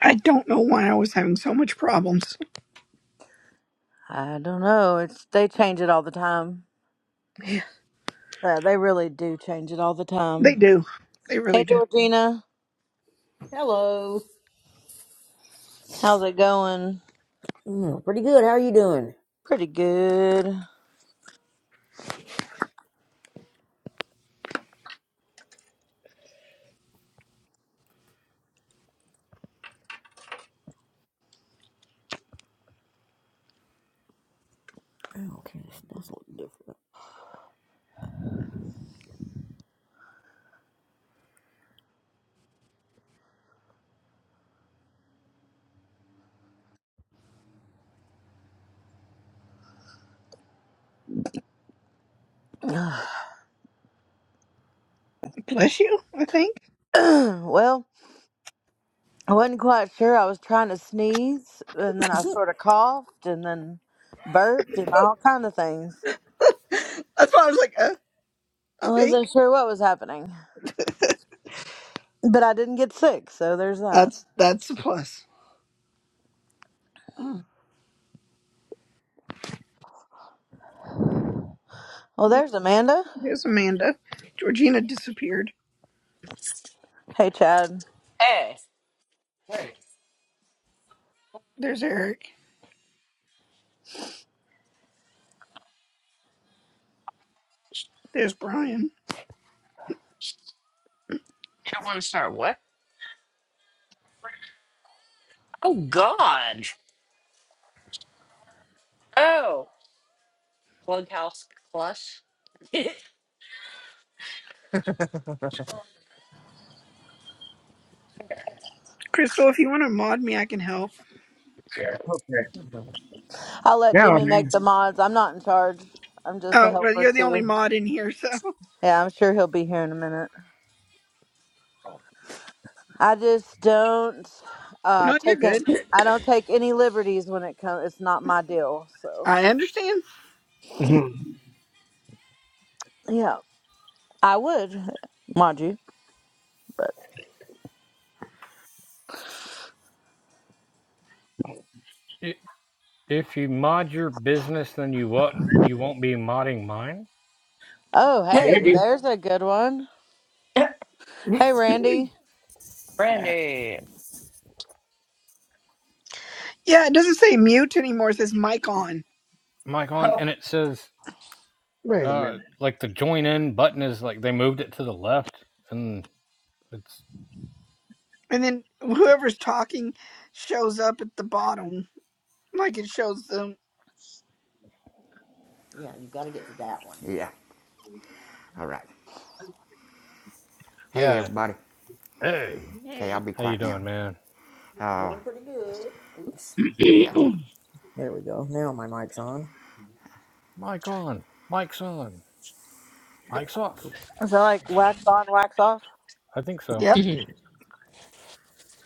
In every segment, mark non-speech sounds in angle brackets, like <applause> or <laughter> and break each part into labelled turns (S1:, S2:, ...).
S1: I don't know why I was having so much problems.
S2: I don't know. It's they change it all the time.
S1: Yeah.
S2: Uh, they really do change it all the
S1: They
S2: time.
S1: do. They really
S2: Hey
S1: do.
S2: Georgina,
S3: Hello.
S2: how's it going?
S3: Mm, pretty good. How are you doing?
S2: Pretty good.
S3: Oh, Okay, this does look different.
S1: Bless you, I think.
S2: <clears throat> well, I wasn't quite sure. I was trying to sneeze, and then I sort of coughed, and then burped, and all kind of things.
S1: That's why I was like, uh,
S2: I
S1: I
S2: wasn't
S1: think.
S2: sure what was happening, but I didn't get sick, so there's that.
S1: That's that's a plus. Oh,
S2: Well, there's Amanda.
S1: there's Amanda. Georgina disappeared.
S2: Hey Chad,
S4: Hey,
S1: There's Eric. There's Brian.
S4: you don't want to start what? Oh God! Oh, Clubhouse Plus.
S1: Crystal, if you want to mod me, I can help.
S5: Okay.
S2: I'll let
S5: Now,
S2: Jimmy
S5: man.
S2: make the mods. I'm not in charge. I'm just a
S1: Oh, well,
S2: helper
S1: you're the only
S2: too.
S1: mod in here, so. <laughs>
S2: Yeah, I'm sure he'll be here in a minute. I just don't uh
S1: No, you're
S2: take it
S1: good.
S2: I don't take any liberties when it comes it's not my deal, so
S1: I understand.
S5: Mhm.
S2: yeah. I would, mind you, but
S6: I- If you mod your business, then you won't you won't be modding mine.
S2: oh hey,
S1: What?
S5: Maybe.
S4: <laughs>
S2: there's a good one.
S5: <laughs>
S2: Hey Randy.
S4: Brandy.
S1: Yeah, it doesn't say mute anymore. It says mic on.
S6: Mike on,
S4: Oh,
S6: and it says
S5: Wait a
S6: uh
S5: minute.
S6: like the join in button is like they moved it to the left, and it's
S1: And then whoever's talking shows up at the bottom. Like it shows them.
S7: Yeah, you've got to get to that one. Yeah. All right. Hey,
S6: yeah.
S7: everybody.
S6: Hey,
S7: Okay, I'll
S1: Hey,
S7: be
S6: how you
S7: quiet now.
S6: doing, man?
S7: Uh, Doing pretty good. Oops.
S3: Oops.
S7: Yep.
S3: Yeah.
S7: There
S3: There we
S7: we go.
S3: go.
S7: Now
S3: Now my
S7: my mic's
S3: mic's
S7: on.
S3: on.
S6: Mike on, Mike's on, Mike's
S7: Cool.
S6: off,
S2: Is that like
S6: Mike's
S2: wax
S6: on.
S2: on, wax off?
S6: I think so.
S1: Yep.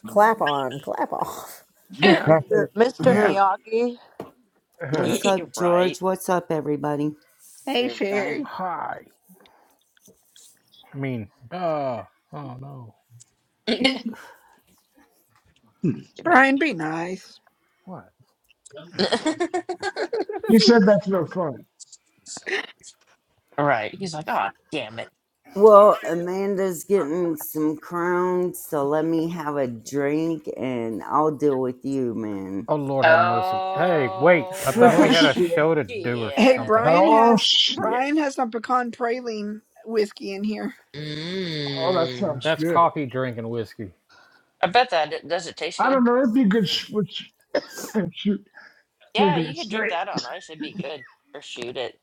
S3: Clap on, clap off.
S5: Look,
S6: Yeah.
S5: I
S2: Mr.
S5: said,
S2: Mr.
S5: yeah.
S8: Huh.
S2: Miyagi.
S5: Uh,
S8: What's
S4: <laughs>
S8: up,
S4: right.
S8: George? What's up, everybody?
S1: hey, Sherry.
S6: Hi. I mean, uh, oh no,
S4: Damn it.
S1: Brian, be nice.
S6: what?
S5: he said that's no fun.
S4: Right. He's like, oh, damn it.
S8: Well, Amanda's getting some crowns, so let me have a drink and I'll deal with you, man.
S6: Oh Lord, have mercy. Hey, wait, I
S4: Oh
S6: thought
S5: Oh,
S6: we had a
S8: <laughs>
S5: shit.
S6: show to do
S4: shit.
S6: or
S1: Hey,
S6: something.
S1: Brian
S5: Oh,
S1: has
S5: shit.
S1: Brian has some pecan praline whiskey in here.
S5: Oh, that
S4: Mm.
S5: sounds
S6: That's
S5: good.
S6: coffee, drink, and whiskey.
S4: I bet that it- does. It taste
S5: I
S4: good.
S5: don't know. It'd be good sh- with sh- <laughs> shoot,
S4: Yeah,
S5: drinking
S4: you
S5: it
S4: could drink
S5: straight.
S4: that on ice. It'd be good. Or shoot it.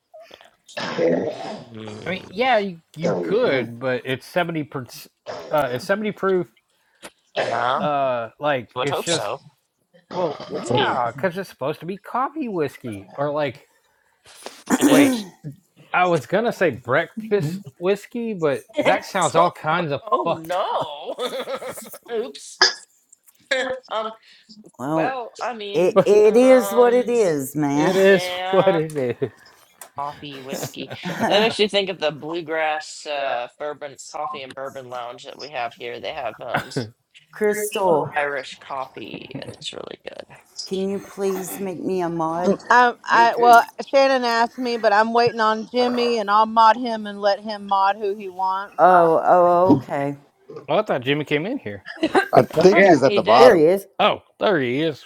S6: I mean,
S4: Mm.
S6: yeah, you, you
S5: <laughs> Not
S6: could, but it's seventy percent. uh, it's seventy proof.
S4: Yeah,
S6: Uh, like
S4: would
S6: it's
S4: hope
S6: just
S4: so.
S6: well,
S4: Whiskey.
S6: yeah, because it's supposed to be coffee whiskey or like
S4: It is.
S6: wait, I was gonna say breakfast whiskey, but
S4: <laughs>
S6: that sounds all kinds of
S4: oh
S6: fucked. <laughs>
S4: no. <laughs> Oops. Um,
S8: well,
S4: well, I mean,
S8: it,
S6: But
S8: it is what it
S4: um,
S8: is, man.
S6: it is what
S4: yeah,
S6: it is.
S4: coffee, whiskey. That
S8: <laughs>
S4: makes
S6: <laughs>
S4: you think of the bluegrass uh bourbon coffee and bourbon lounge that we have here. They have um
S6: well,
S8: Crystal,
S4: Irish coffee and it's really good.
S8: can you please make me a mod?
S2: I, I well Shannon asked me, but I'm waiting on Jimmy and I'll mod him and let him mod who he wants.
S8: Oh, oh, okay.
S6: I thought Jimmy came in here.
S9: I
S4: I
S9: think
S4: thought he
S5: yet.
S9: he's at
S4: he
S9: the
S3: There
S4: did.
S3: he
S9: bottom.
S3: is.
S6: Oh, there he is.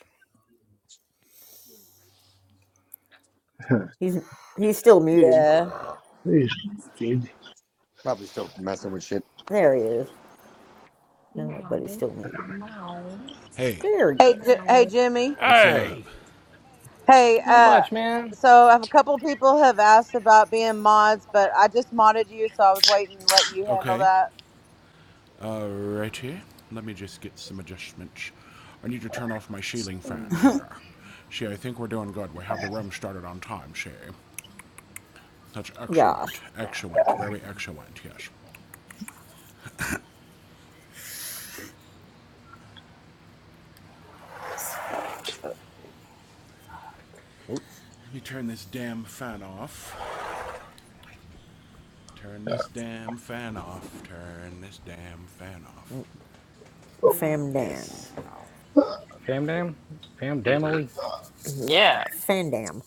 S3: He's he's still muted.
S2: Yeah.
S5: Please, dude.
S9: Probably still messing with shit.
S3: There he is. No, but he's still muted.
S10: Hey,
S3: There he
S2: Hey
S3: is.
S2: J- hey Jimmy.
S10: what's up?
S6: Hey,
S2: Hey,
S6: not
S2: uh,
S6: much, man.
S2: so I have a couple people have asked about being mods, but I just modded you, so I was waiting to let you handle
S10: Okay,
S2: that.
S10: uh, right here. Let me just get some adjustments. I need to turn off my ceiling fan here. See, I think we're doing good. We have the room started on time, see? That's
S3: Gosh.
S10: excellent. Excellent. Very excellent, yes.
S3: Oops.
S10: Let me turn this damn fan off. Turn this damn fan off. Turn this damn fan off.
S4: Mm,
S3: Famdan.
S10: Yes.
S6: Fam dam, fam damily,
S4: Yeah.
S3: Fandam.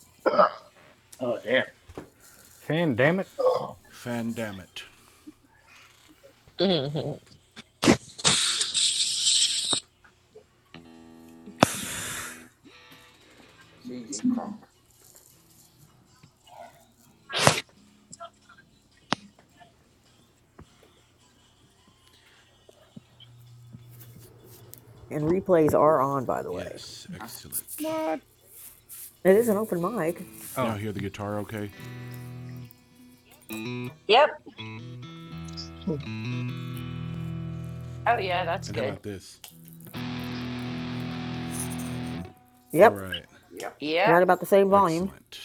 S5: Oh, damn.
S6: fam damn it.
S10: Fan damn it.
S4: hmm
S3: And replays are on, by the way.
S10: Yes, excellent.
S6: What?
S3: It is an open mic.
S10: Can
S6: Oh.
S10: y'all hear the guitar okay?
S4: Yep. Oh yeah, that's
S10: And how
S4: good.
S10: about this? All
S3: Yep,
S10: right.
S4: Yep.
S3: right about the same volume.
S10: Excellent.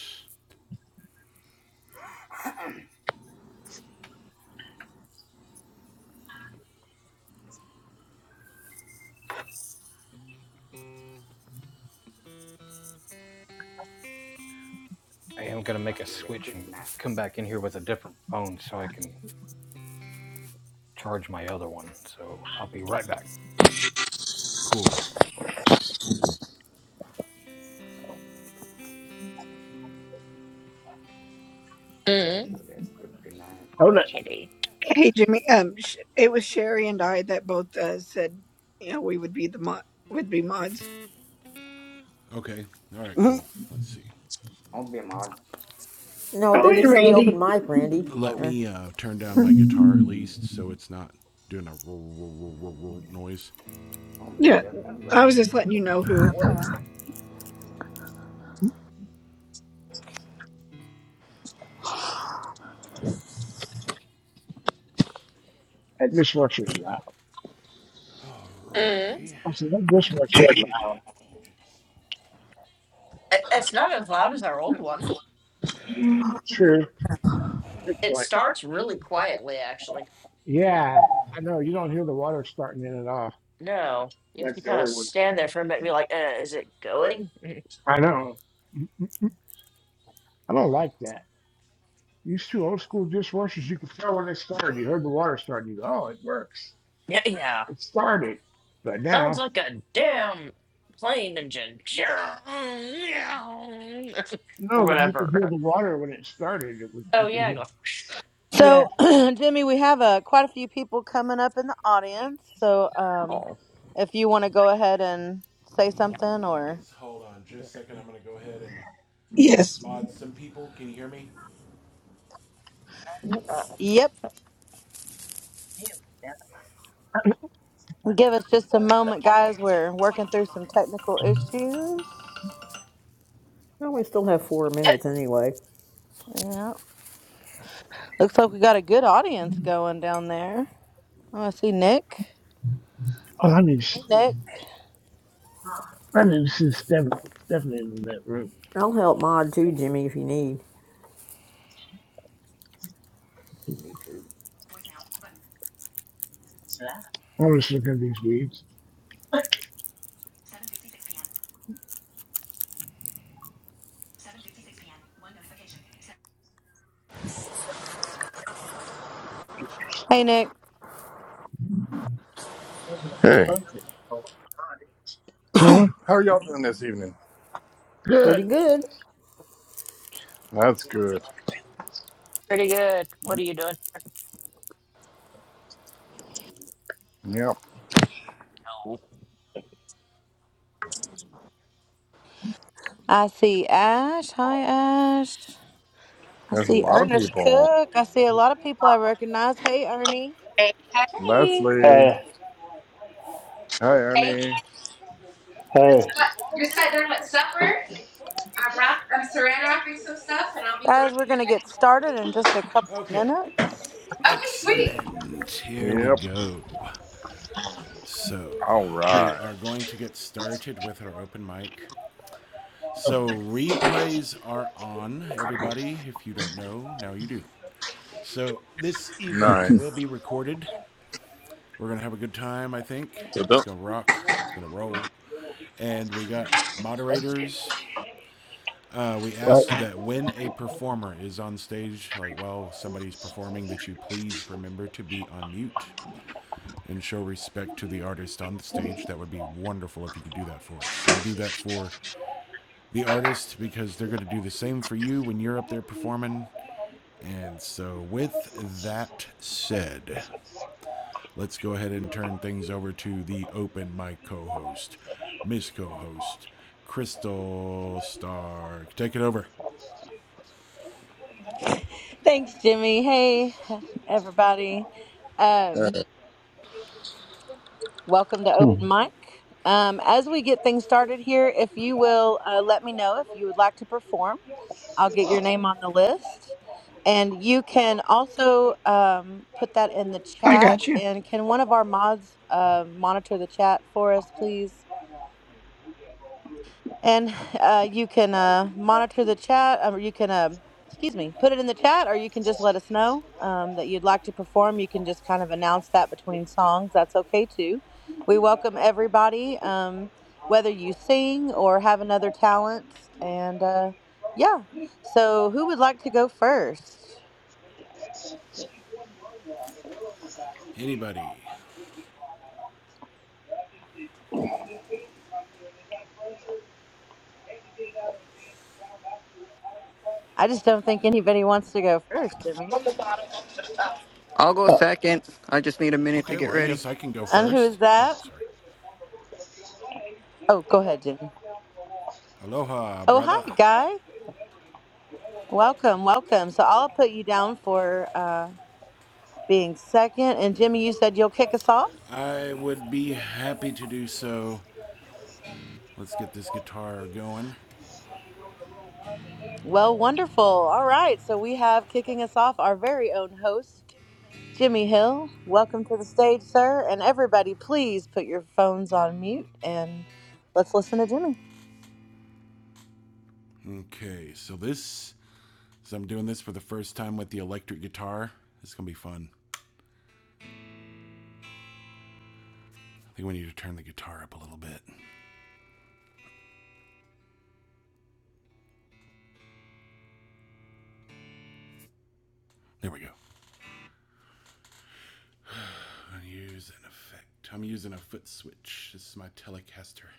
S6: I am gonna make a switch and come back in here with a different phone so I can charge my other one. So I'll be right back.
S10: Cool.
S4: Mm-hmm.
S5: Hold on.
S4: mm
S1: Hey, Jimmy. Um, sh- it was Sherry and I that both uh, said, you know, we would be the mod, would be mods.
S10: Okay. All right,
S8: <laughs>
S10: cool. Let's see.
S3: No,
S1: Oh, and
S3: this is the open
S1: Randy.
S3: mic, Randy.
S10: Let
S3: Uh,
S10: me uh, turn down my guitar at least so it's not doing a noise.
S1: Yeah, I was just letting you know who it was.
S5: That dishwasher's loud.
S10: Roy,
S4: Mm.
S10: you
S5: I said, that dishwasher's loud.
S10: just.
S4: It's not as loud as our old one.
S5: Sure. It,
S4: It
S5: Like,
S4: starts really quietly, actually.
S5: Yeah, I know. You don't hear the water starting in at all. It
S4: No, you have to
S5: that's the
S4: kind of
S5: only old one. <laughs>
S4: stand there for a minute and be like, uh, is it going? Mm,
S5: I know. Mm-mm. I don't like that. These two old school dishwashers, you could tell when they started. You heard the water starting. You go, oh, it works.
S4: Yeah, yeah.
S5: It started. But now,
S4: Sounds like
S5: that.
S4: a damn plane engine. <laughs>
S5: no,
S4: or
S5: when you could
S4: whatever.
S5: hear
S4: <laughs>
S5: the water when it started, it was, you
S4: Oh,
S5: could
S4: yeah, go. <sniffs>
S5: yeah. hear.
S2: So,
S5: Yeah.
S2: <clears throat> Jimmy, we have uh, quite a few people coming up in the audience. So, um,
S4: Oh,
S2: if you want to go ahead and say something or,
S10: Yes, hold on just a second. I'm going to go ahead and
S1: Yes,
S10: mod some people. Can you hear me?
S4: uh,
S2: yep, give us just a moment, guys. We're working through some technical issues.
S3: well, we still have four minutes anyway.
S2: Yeah. Looks like we got a good audience going down there. Oh, I see Nick.
S5: Oh, I need, s-
S2: Hey, Nick.
S5: I need to see Stephanie, Stephanie in that room.
S3: I'll help Mod too, Jimmy, if you need.
S5: I'm just looking at these weeds.
S10: You
S2: Hey, Nick.
S11: Hey,
S5: Huh?
S11: how are y'all doing this evening?
S3: Pretty
S5: Good.
S3: good.
S11: That's good.
S4: pretty good. What are you doing?
S11: Yep,
S4: No.
S2: I see Ash. Hi, Ash. I
S11: there's a
S2: see
S11: lot of
S2: Ernest
S11: people.
S2: Cook. I see a lot of people I recognize. Hey, Ernie.
S12: Hey, hey,
S11: Leslie,
S13: Hey,
S11: hi
S12: hey!
S11: Ernie.
S13: hey.
S12: You're sat down at supper. I'm wrap. I'm saran wrapping some stuff, and I'll be
S2: Guys,
S12: joining
S2: we're
S12: you
S2: going to get
S12: guys.
S2: started in just a couple
S10: gotta be kidding me. Okay.
S2: minutes.
S12: Okay, sweet.
S10: Excellent. Here we
S11: Yep.
S10: go. So,
S11: All
S10: we
S11: right.
S10: are going to get started with our open mic. So replays are on, everybody. If you don't know, now you do. So this event
S11: Nice.
S10: will be recorded. We're gonna have a good time, I think.
S11: So
S10: It's
S11: don't.
S10: gonna rock. It's gonna roll. And we got moderators. Uh, we ask that when a performer is on stage, like while somebody's performing, that you please remember to be on mute and show respect to the artist on the stage. That would be wonderful if you could do that for us and do that for the artist because they're going to do the same for you when you're up there performing. And so, with that said, let's go ahead and turn things over to the open mic co host, Miss Co host, Crystal Stark. Take it over.
S2: Thanks, Jimmy. Hey, everybody. Um,
S11: uh,
S2: welcome to
S13: Hmm.
S2: Open Mic. Um, as we get things started here, if you will uh, let me know if you would like to perform. I'll get your name on the list. And you can also um, put that in the
S1: I got
S2: chat.
S1: you.
S2: And can one of our mods uh, monitor the chat for us, please? And uh, you can uh, monitor the chat, or you can, uh, excuse me, put it in the chat, or you can just let us know um, that you'd like to perform. You can just kind of announce that between songs. That's okay too. We welcome everybody, um, whether you sing or have another talent. And uh, yeah, so who would like to go first?
S10: Anybody?
S2: I just don't think anybody wants to go first, Jimmy.
S14: I'll go
S13: Uh,
S14: second. I just need a minute to
S10: Okay,
S14: get
S10: well, I
S14: ready.
S10: guess I can go
S2: And who
S10: first.
S2: is
S10: Oh,
S2: that?
S10: sorry.
S2: Oh, go ahead, Jimmy.
S10: Aloha,
S2: Oh,
S10: brother.
S2: hi, Guy. Welcome, welcome. So I'll put you down for. uh, being second. And Jimmy, you said you'll kick us off?
S10: I would be happy to do so. Let's get this guitar going.
S2: Well, wonderful. All right. So we have kicking us off our very own host, Jimmy Hill. Welcome to the stage, sir. And everybody, please put your phones on mute and let's listen to Jimmy.
S10: Okay, so this So I'm doing this for the first time with the electric guitar. This is gonna be fun. I think we need to turn the guitar up a little bit. There we go. I use an effect. I'm using a foot switch. This is my Telecaster.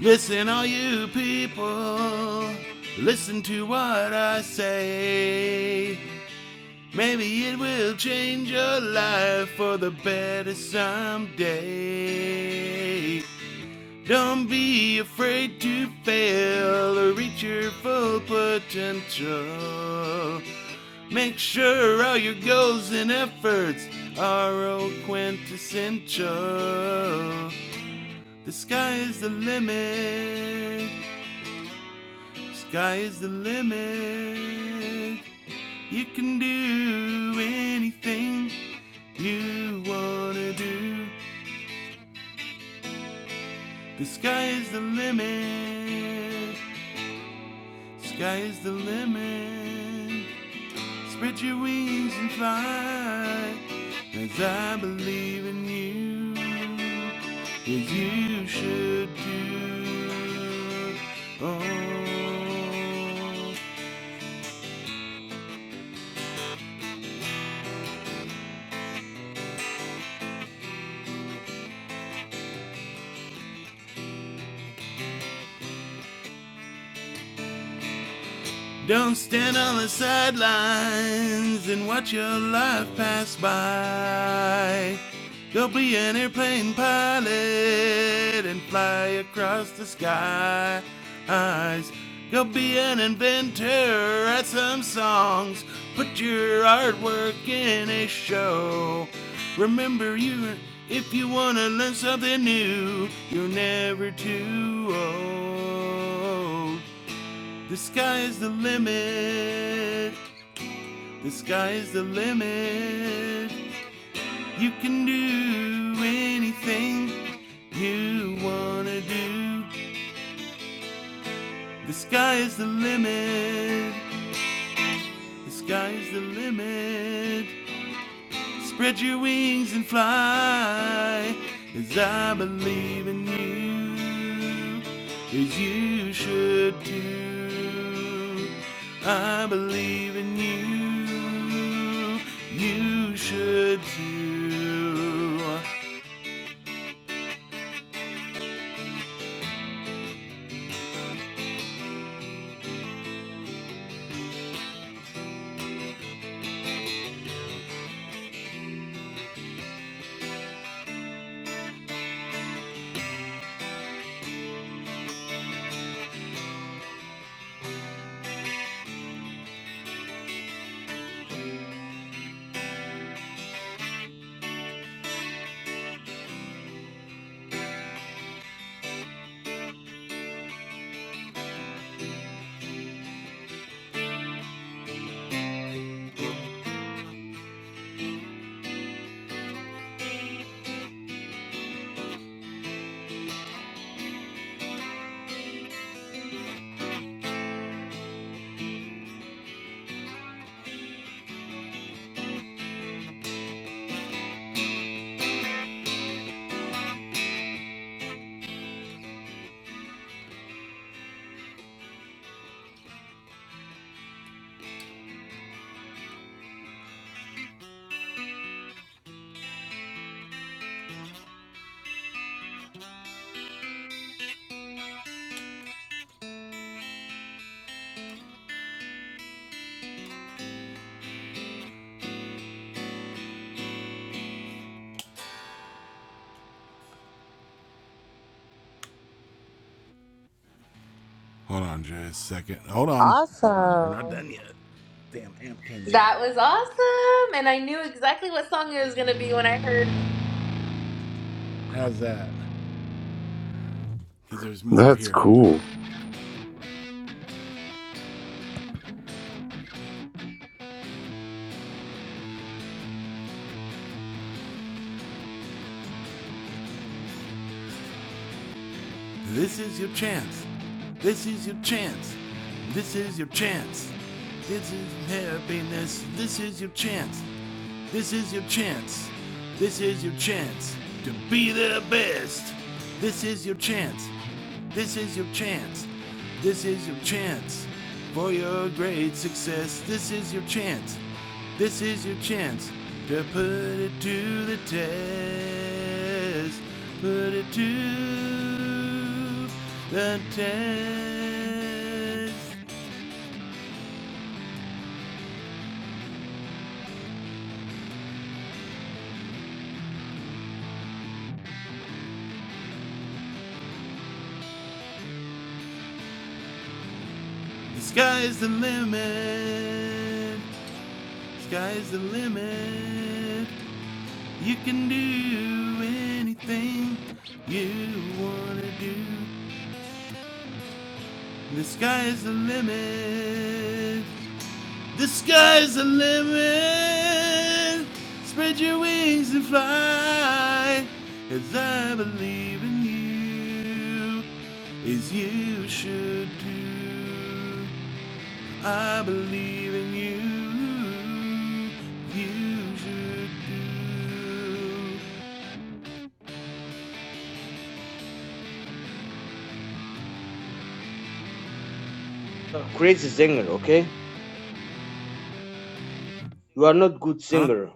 S10: Listen, all you people, listen to what I say. Maybe it will change your life for the better someday. Don't be afraid to fail or reach your full potential. Make sure all your goals and efforts are all quintessential. The sky is the limit. Sky is the limit. You can do anything you wanna do. The sky is the limit. Sky is the limit. Spread your wings and fly. 'Cause I believe in you, as you should do. Oh, Don't stand on the sidelines and watch your life pass by. Go be an airplane pilot and fly across the skies. Go be an inventor, write some songs, put your artwork in a show. Remember, you if you wanna learn something new, you're never too old. The sky is the limit. The sky is the limit. You can do anything you wanna do. The sky is the limit. The sky is the limit. Spread your wings and fly, as I believe in you, as you should too. I believe in you, you should too. Hold on just a second. Hold on. We're not
S2: Awesome.
S10: done yet. Damn, amp came down.
S12: That was awesome, and I knew exactly what song it was gonna be when I heard it.
S10: How's that? Because there's more
S11: That's
S10: here.
S11: cool.
S10: This is your chance. This is your chance. This is your chance. This is happiness. This is your chance. This is your chance. This is your chance to be the best. This is your chance. This is your chance. This is your chance for your great success. This is your chance. This is your chance to put it to the test. Put it to the test. The sky's the limit. Sky's the limit. You can do anything you wanna do. The sky's the limit. The sky's the limit. Spread your wings and fly. As I believe in you, as you should do. I believe in you. You should do.
S15: are crazy singer, okay? You are not good
S10: Huh?
S15: singer.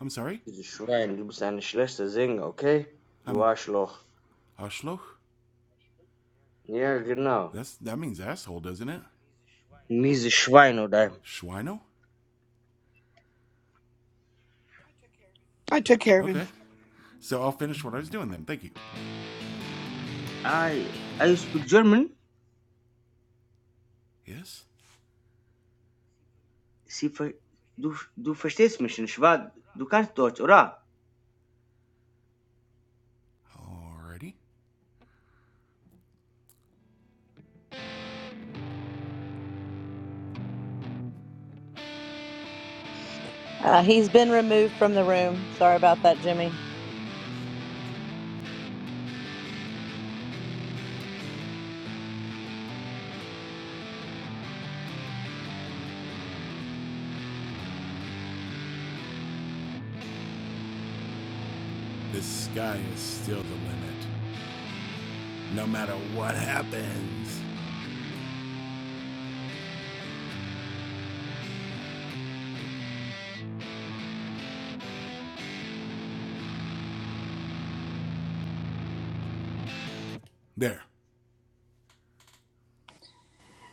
S10: I'm sorry?
S15: Dieses Schwein, du bist ein schlechter Sänger, okay? Du
S10: I'm
S15: Arschloch.
S10: Arschloch?
S15: Ja, genau.
S10: That's that means asshole, doesn't it?
S15: Miese Schwein, oder?
S10: Schweino?
S1: I took care of him.
S10: Okay. So I'll finish what I was doing then. Thank you.
S15: I, I speak German?
S10: Yes?
S15: Sie ver du, du verstehst mich nicht, wa? Du kannst Deutsch, oder?
S10: Alrighty.
S2: Uh, he's been removed from the room. Sorry about that, Jimmy.
S10: The sky is still the limit. No matter what happens. There.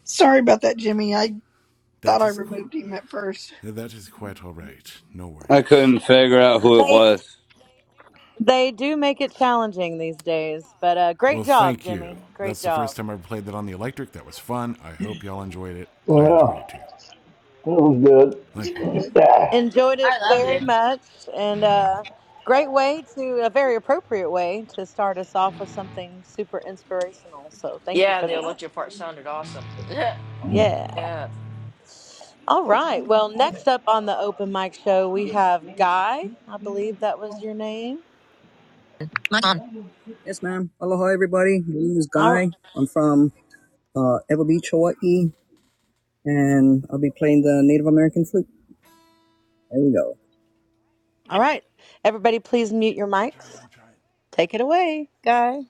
S1: Sorry about that, Jimmy. I thought
S10: That
S1: I
S10: is
S1: removed him at first.
S10: that is quite alright. No
S16: I
S10: worries.
S16: couldn't figure out who it
S2: They
S16: was.
S2: they do make it challenging these days, but uh,
S10: Well,
S2: great job,
S10: thank
S2: Jimmy.
S10: you.
S2: Great
S10: That's the first
S2: job.
S10: time I ever played that on the electric. That was fun. I hope y'all enjoyed it. I enjoyed it
S13: well,
S10: too.
S13: it was
S10: Thank you.
S1: Very
S13: good.
S1: good.
S13: Yeah.
S2: Enjoyed it
S12: I loved
S2: very
S12: it.
S2: much, and uh, great way to a very appropriate way to start us off with something super inspirational. So thank you
S4: Yeah,
S2: for
S4: the
S2: that.
S4: electric part sounded awesome. <laughs>
S2: Yeah.
S4: Yeah, yeah,
S2: All right. Well, next up on the open mic show, we have Guy. I believe that was your name.
S14: Yes, ma'am. Aloha, everybody. My name is
S2: All,
S14: Guy. I'm from uh, Ever Beach, Hawaii, and I'll be playing the Native American flute. There we go.
S2: all right. Everybody, please mute your
S10: I'm trying.
S2: mics.
S10: I'm trying.
S2: Take it away, Guy.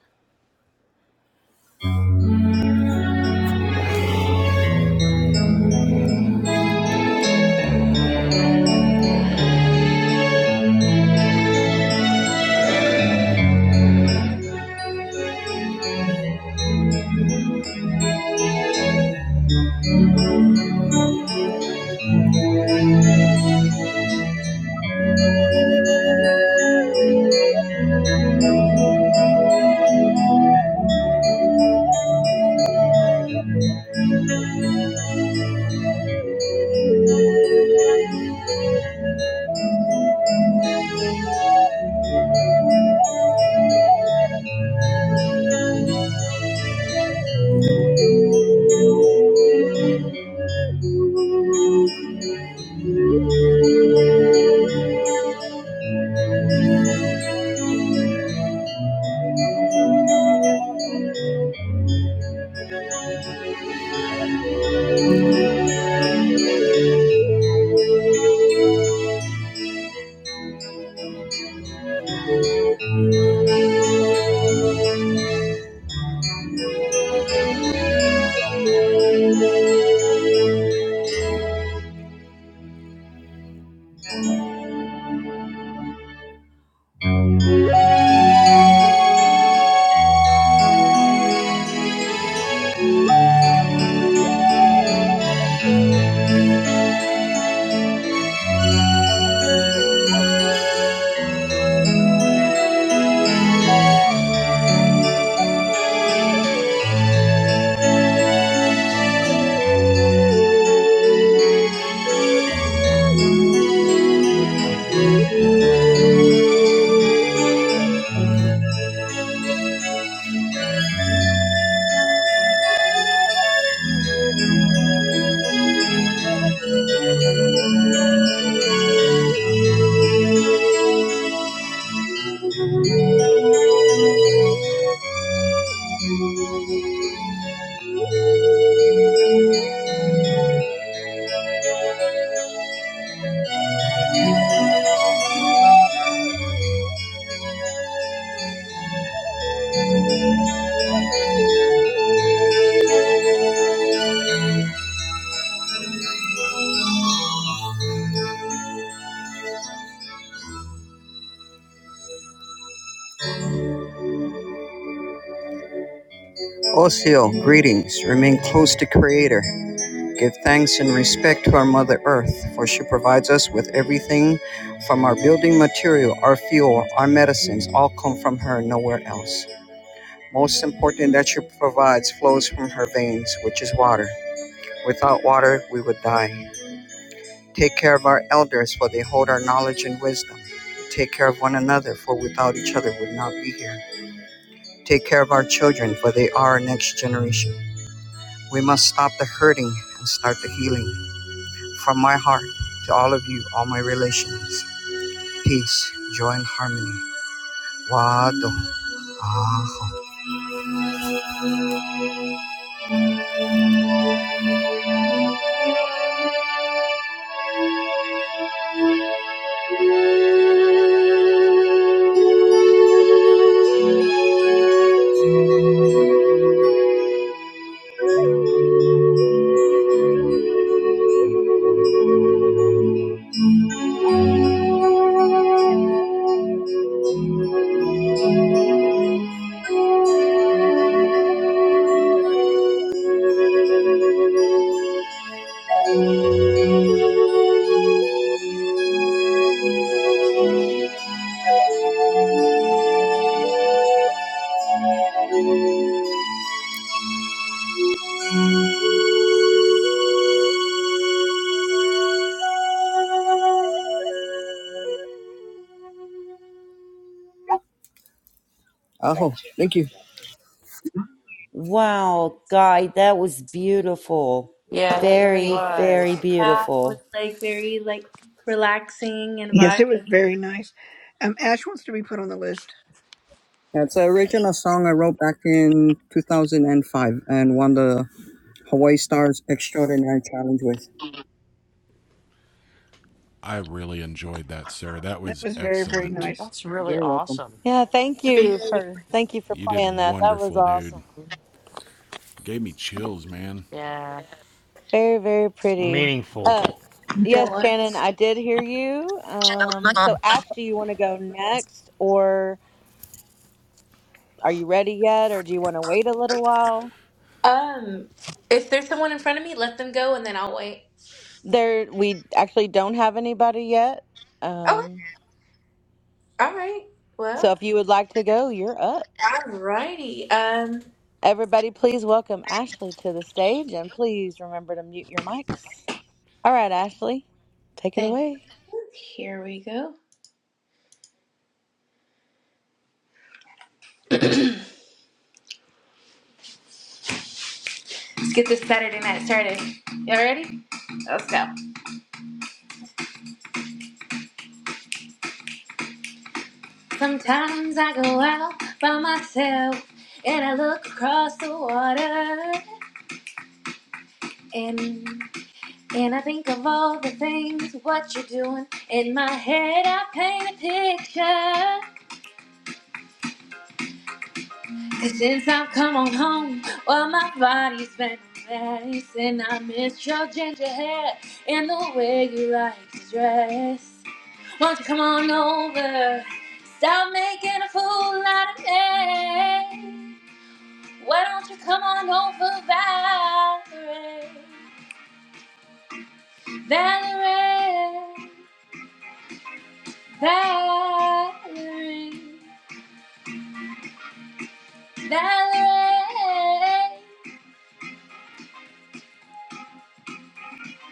S14: Osio, greetings. Remain close to Creator. Give thanks and respect to our Mother Earth, for she provides us with everything from our building material, our fuel, our medicines, all come from her, nowhere else. Most important that she provides flows from her veins, which is water. Without water, we would die. Take care of our elders, for they hold our knowledge and wisdom. Take care of one another, for without each other we would not be here. Take care of our children, for they are our next generation. We must stop the hurting and start the healing. From my heart to all of you, all my relations, peace, joy, and harmony. Wado. Aho. Aho. Thank you.
S8: wow, guy, that was beautiful.
S4: yeah, that really
S8: Very, very
S4: was.
S12: Yeah, was
S8: beautiful.
S12: like very like relaxing and
S1: Yes, it was
S12: vibey.
S1: very nice. Um, Ash wants to be put on the list.
S14: That's an original song I wrote back in 2005 and won the Hawaii Stars Extraordinary Challenge with.
S10: I really enjoyed that, sir. That
S1: That
S10: was
S1: was very, very
S10: excellent.
S1: nice.
S4: That's really
S14: You're welcome.
S4: awesome.
S2: Yeah, thank you
S12: Everything
S2: for thank you for
S10: You did
S2: playing that. That was
S10: wonderful, dude.
S2: awesome.
S10: Gave me chills, man.
S4: Yeah.
S2: Very, very pretty.
S6: Meaningful.
S2: Uh, Yes,
S12: at
S2: Shannon,
S12: once.
S2: I did hear you. Um, so Ash, do you want to go next, or are you ready yet, or do you want to wait a little while?
S12: Um, if there's someone in front of me, let them go, and then I'll wait.
S2: There, we actually don't have anybody yet.
S12: Oh,
S2: Um,
S12: all right.
S2: so
S12: Well,
S2: if you would like to go, you're up.
S12: alrighty. Um,
S2: Everybody, please welcome Ashley to the stage, and please remember to mute your mics. All right, Ashley, take it
S12: thank
S2: away.
S12: you. Here we go. Let's get this Saturday night started. Y'all ready? Let's go. Sometimes I go out by myself and I look across the water and and I think of all the things what you're doing. In my head I paint a picture Since I've come on home, well, my body's been a mess, and I miss your ginger hair and the way you like to dress. Won't you come on over? Stop making a fool out of me. Why don't you come on over, Valerie? Valerie, Valerie, Valerie.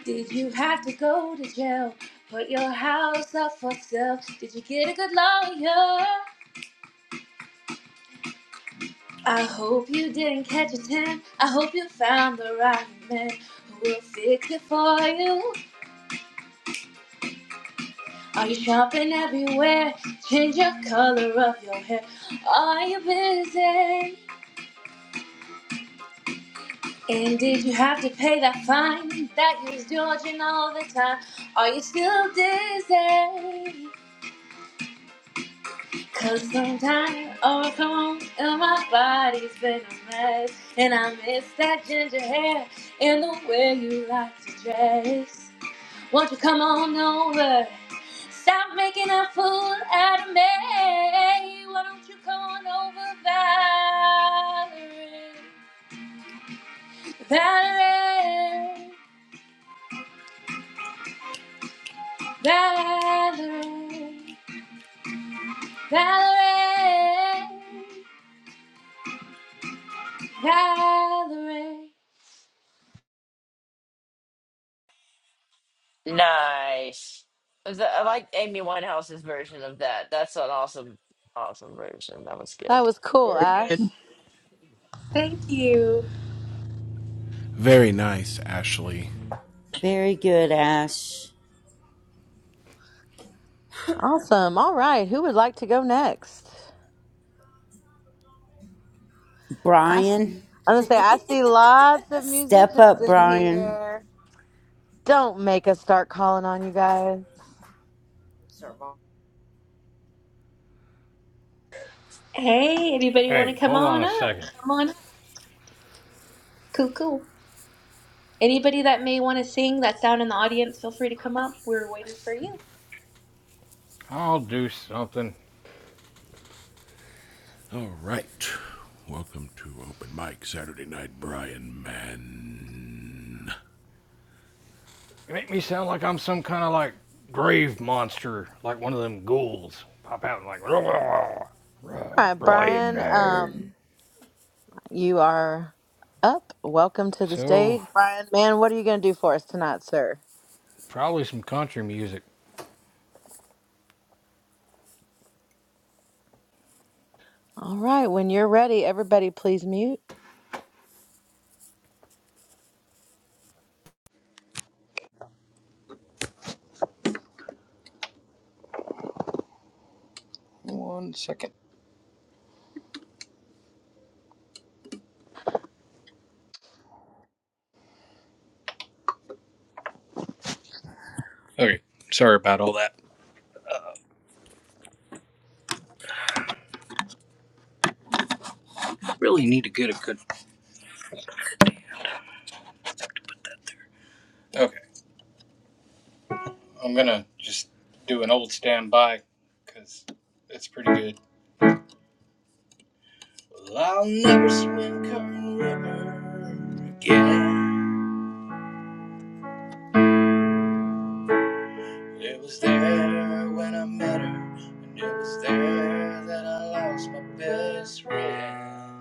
S12: Did you have to go to jail? Put your house up for sale? Did you get a good lawyer? I hope you didn't catch a tan. I hope you found the right man who will fix it for you. Are you shopping everywhere? Change your color of your hair. Are you busy? And did you have to pay that fine that you was dodging all the time? Are you still dizzy? Cause I'm dying all alone and my body's been a mess. And I miss that ginger hair and the way you like to dress. Won't you come on over? Stop making a fool out of me. Why don't you come on over, Valerie? Valerie, Valerie, Valerie, Valerie.
S4: Nice. The- I like Amy Winehouse's version of that. That's an awesome, awesome version. That was
S2: That
S4: good.
S2: was cool,
S1: Very
S2: Ash.
S1: good.
S12: Thank you.
S10: Very nice, Ashley.
S8: Very good, Ash.
S2: Awesome. All right, who would like to go next?
S8: Brian?
S2: I'm gonna say I see lots of
S8: Step
S2: musicians
S8: up,
S2: in
S8: Brian.
S2: here. Don't make us start calling on you guys.
S12: Hey, anybody want to
S6: Hey,
S12: come
S6: hold on
S12: on
S6: a
S12: up?
S6: second.
S12: Come on up. Cool, cool. Anybody that may want to sing that's down in the audience, feel free to come up. We're waiting for you.
S6: I'll do something.
S10: All right. Welcome to Open Mic Saturday Night, Brian Mann.
S6: You make me sound like I'm some kind of like grave monster, like one of them ghouls. Pop out and like, <laughs> "Roar,
S2: All
S6: roar,
S2: right,
S6: Brian
S2: Brian,
S6: Man.
S2: um, you are up. Welcome to the
S6: So,
S2: stage, Brian. Man, what are you gonna do for us tonight, sir?
S6: probably some country music.
S2: All right, when you're ready, everybody, please mute.
S6: One second. Okay, sorry about all that. I really need to get a good. Okay. I'm gonna just do an old standby because it's pretty good. Well, I'll never swim Kern River again. It was there when I met her, and it was there that I lost my best friend.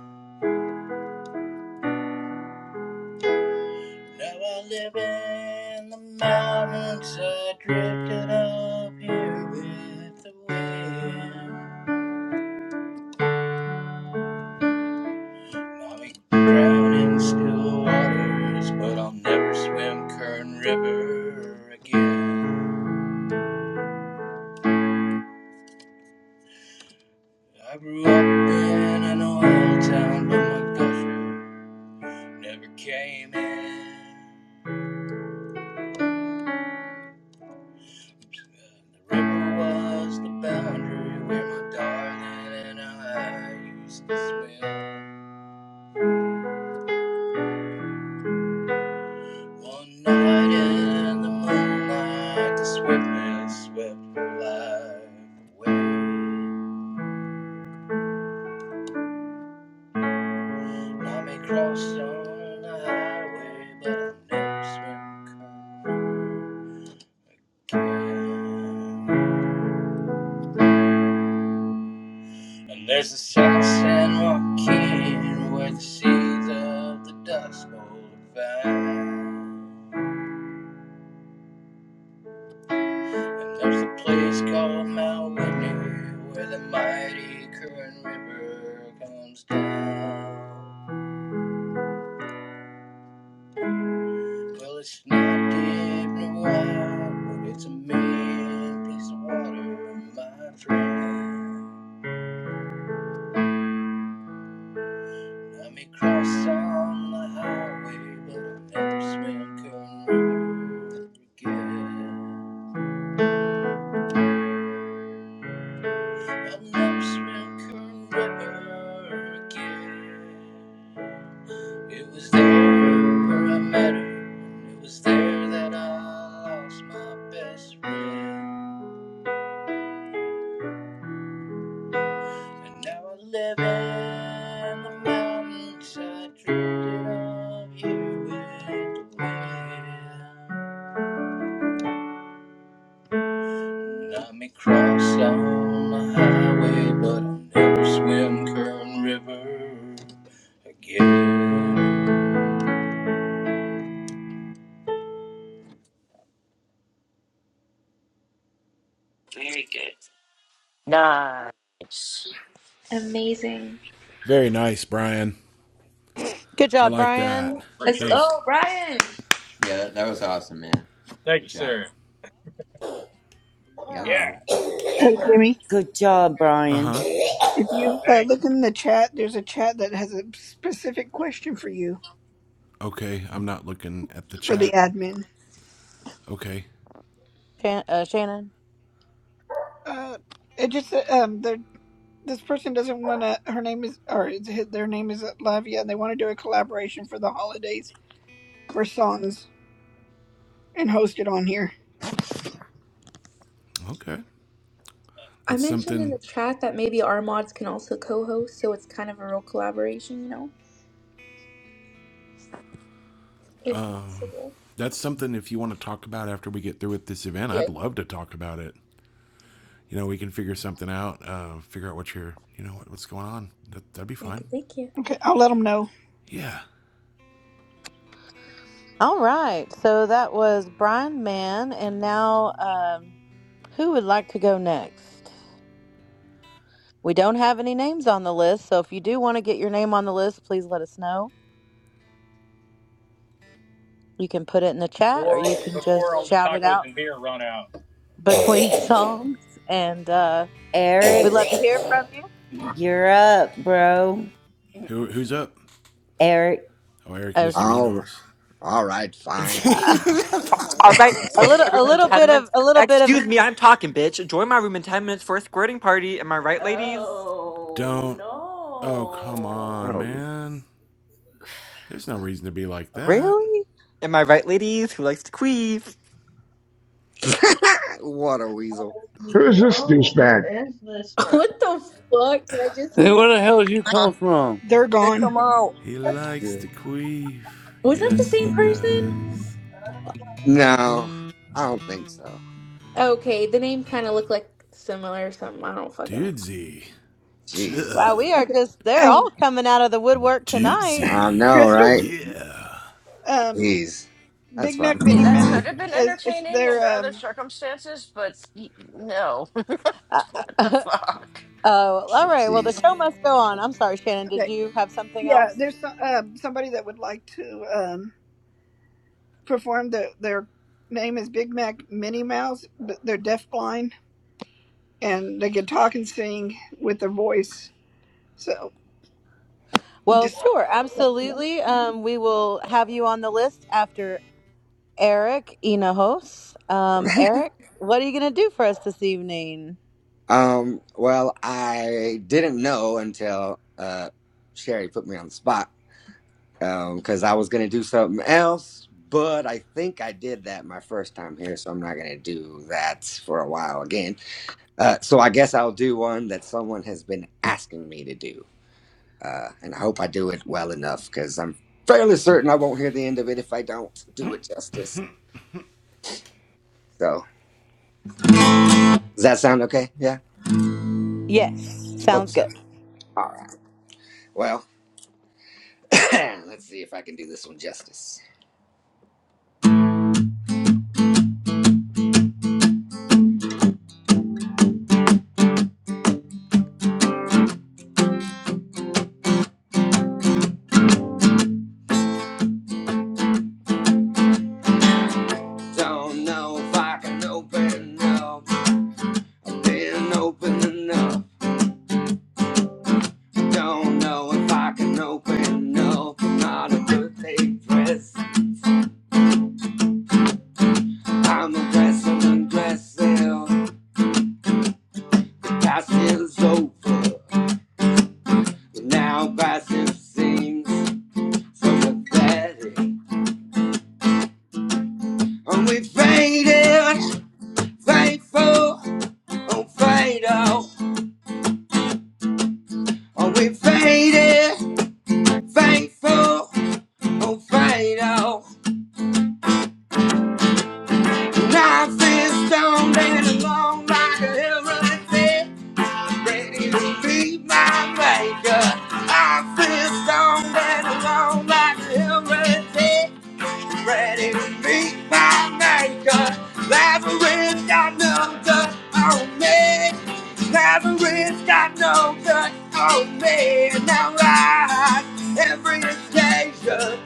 S6: Now I live in the mountains, I drifted up here with the wind. I'll be drowning in still waters, but I'll never swim Kern River again. I grew up in an oil town, but my culture never came in. The river was the boundary where my darling and I used to swim. One night in the moonlight, the swiftness swept her life away. I may cross on the highway, but I'll never swim come again. And there's a south San Joaquin where the seeds of the Dust Bowl are found. And there's a place called Mount Whitney where the mighty Kern River comes down. Well, it's not deep nor wide, but it's a mean piece of water, my friend. Let me cross on the highway, but I'll never swim Kern River again. I'll never swim Kern River again. It was there where I met her, and it was there that I lost my best friend. And now I live in the mountains, I drifted up here with the wind. Let me cross down the highway, but I'll never swim Kern River again.
S4: Very good. Nice. See,
S12: Amazing.
S10: Very nice, Brian.
S2: Good
S10: I
S2: job,
S10: like that.
S2: Brian.
S12: Let's
S10: That
S6: Appreciate it.
S12: go,
S10: was.
S12: Brian.
S17: Yeah, that, that was awesome, man.
S6: Thank
S17: Good
S6: you,
S17: job.
S6: sir. Yeah,
S17: Hello.
S6: it's your
S1: Hey,
S6: turn.
S1: Jimmy,
S8: Good job,
S10: Uh
S8: Brian.
S10: huh.
S1: if you uh, look in the chat, there's a chat that has a specific question for you
S10: Okay, I'm not looking at the
S1: for the
S10: chat.
S1: admin.
S10: Okay.
S2: Shan- uh, Shannon.
S1: Uh, it just uh, um, they're- this person doesn't want to. Her name is, or is it- their name is Lavia, and they want to do a collaboration for the holidays for songs and host it on here.
S10: Okay.
S12: I
S10: That's
S12: mentioned in
S10: something
S12: the chat that maybe our mods can also co host, so it's kind of a real collaboration, you know, if possible.
S10: that's something if you want to talk about after we get through with this event,
S12: Yeah.
S10: I'd love to talk about it. You know, we can figure something out, uh, figure out what you're, you know, what, what's going on. That, that'd be
S12: Thank
S10: fine.
S12: you, thank you.
S1: Okay, I'll let them know.
S10: Yeah.
S2: All right, so that was Brian Mann, and now um, who would like to go next? We don't have any names on the list, so if you do want to get your name on the list, please let us know. You can put it in the chat or
S6: Before,
S2: you can
S6: before
S2: just
S6: all the
S2: shout it
S6: tacos
S2: out
S6: and beer run out.
S2: between <laughs> songs and uh we'd love
S8: Eric,
S2: to hear from you.
S8: you're up, bro.
S10: Who, who's up?
S8: Eric.
S10: Oh, Eric,
S2: Oh,
S10: Mr.
S2: sh-
S9: Oh,
S10: Enos.
S9: all right,
S8: <laughs>
S9: fine.
S18: All right,
S2: A
S18: join
S2: little
S18: my
S2: a
S18: room in
S2: little
S18: ten
S2: bit of
S18: minutes.
S2: a little bit of
S18: Excuse me, I'm talking, bitch. Join my room in ten minutes for a squirting party. Am I right, ladies?
S10: Don't. Oh, come on,
S9: Oh,
S10: man. There's no reason to be like that.
S2: Really?
S18: Am I right, ladies? Who likes to queef?
S9: <laughs> what a weasel.
S5: Who is this douchebag?
S12: <laughs> What the fuck did I just
S16: Hey,
S12: hear?
S16: where the hell did you come from?
S1: They're gone.
S10: He likes
S9: Yeah.
S10: to queef.
S12: Was that the
S10: Yes,
S12: same
S10: he
S12: person?
S10: does.
S9: No, I don't think so.
S12: Okay, the name kind of looked like similar or something. I don't fucking know.
S10: Dudesy.
S9: Jeez.
S2: Wow,
S10: Duh.
S2: we are
S1: Okay.
S2: just they're all
S1: Um,
S2: coming out of the woodwork tonight.
S9: I know,
S10: Dudesy.
S1: Crystal.
S9: right?
S10: Yeah.
S1: Um,
S9: Jeez. That's
S1: Big
S9: fine.
S1: Mac Minnie
S4: that
S1: Mouse
S4: could have been
S1: is, is
S4: entertaining under
S1: their
S4: other
S1: um.
S4: circumstances, but y- no. <laughs>
S2: Uh,
S4: what
S2: uh,
S4: the
S2: <laughs>
S4: fuck?
S2: oh, all right. Well, the
S9: Jeez.
S2: show must go on. I'm sorry, Shannon, did
S1: Okay,
S2: you have something
S1: Yeah,
S2: else?
S1: there's some, um, somebody that would like to um, perform. The, their name is Big Mac Minnie Mouse, but they're deafblind and they can talk and sing with their voice. So
S2: Well,
S1: just
S2: sure,
S1: let you know.
S2: absolutely. Um, we will have you on the list after Eric Inahos. Um, Eric, what are you going to do for us this evening?
S9: Um, well, I didn't know until uh Sherry put me on the spot. because I was gonna do something else, but I think I did that my first time here, so I'm not gonna do that for a while again. Uh, so I guess I'll do one that someone has been asking me to do, uh, and I hope I do it well enough because I'm fairly certain I won't hear the end of it if I don't do it justice. So does that sound okay? Yeah,
S2: Yes,
S9: hope
S2: sounds good.
S9: so. All right. Well, <clears throat> let's see if I can do this one justice. Don't know if I can open up. I've been open enough. Don't know if I can open up. I'm not a birthday dress. I'm aggressive, aggressive. Past is over, but now passive seems so pathetic. And we faded, faithful, oh fade out. And we faded, faithful, oh fade out. Life is stoned and alone like a heroin fit, ready to be my maker. I feel stoned and alone like a heroin fit, ready to meet my maker. Lazarus got no good on me. Lazarus got no good on me. And I rise every occasion.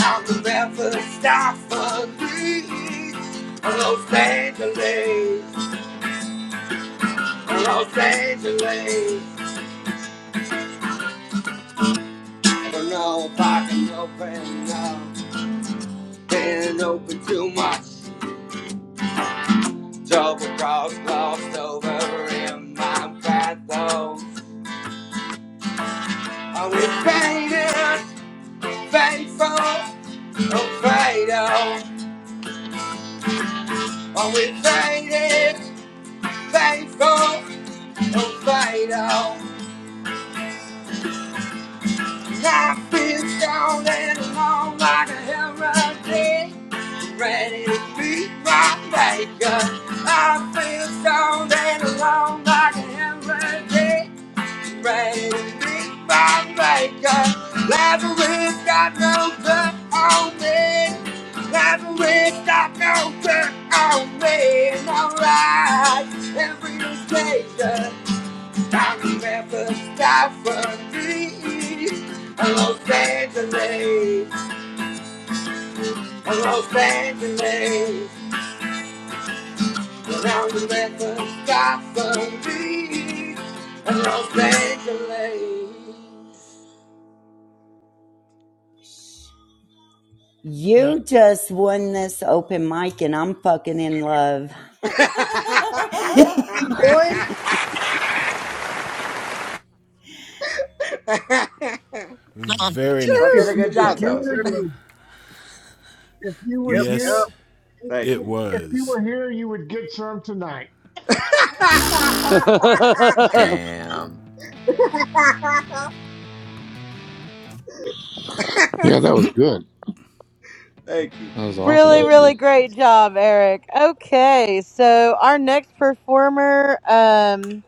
S9: I'm the never stop for me. Los Angeles, Los Angeles. I don't know if I can open up. Been open too much. Double cross glossed over in my path, though. Are we faded, faithful, oh fatal? Are we faded, faithful, oh fatal? I've been stoned and alone like a heretic, ready to meet my maker. I've been stoned and alone like a heretic. Right, big bad maker. Never wish got no good on me. Never wish got no good on me. Alright, every station. Time never stop for me. Los Angeles, Los Angeles. i the never stop for me. Los Angeles.
S8: you just won this open mic and I'm fucking in love.
S9: <laughs> so
S1: Big boy,
S14: Light on.
S10: Very
S9: I
S5: If
S9: did a
S10: nice.
S5: you
S9: good
S5: was
S9: job
S17: That's
S9: then.
S5: here,
S17: awesome.
S5: you would. If you was
S14: Yep,
S5: here,
S14: yep.
S10: Yes,
S9: Thank
S10: it
S9: you.
S5: if you
S10: was.
S5: were here, you would get some tonight.
S16: <laughs> no,
S17: Damn.
S11: Yeah, that was good.
S9: Thank you.
S11: That was awesome,
S2: Really, really
S11: actually.
S2: great job, Eric. Okay, so our next performer, um,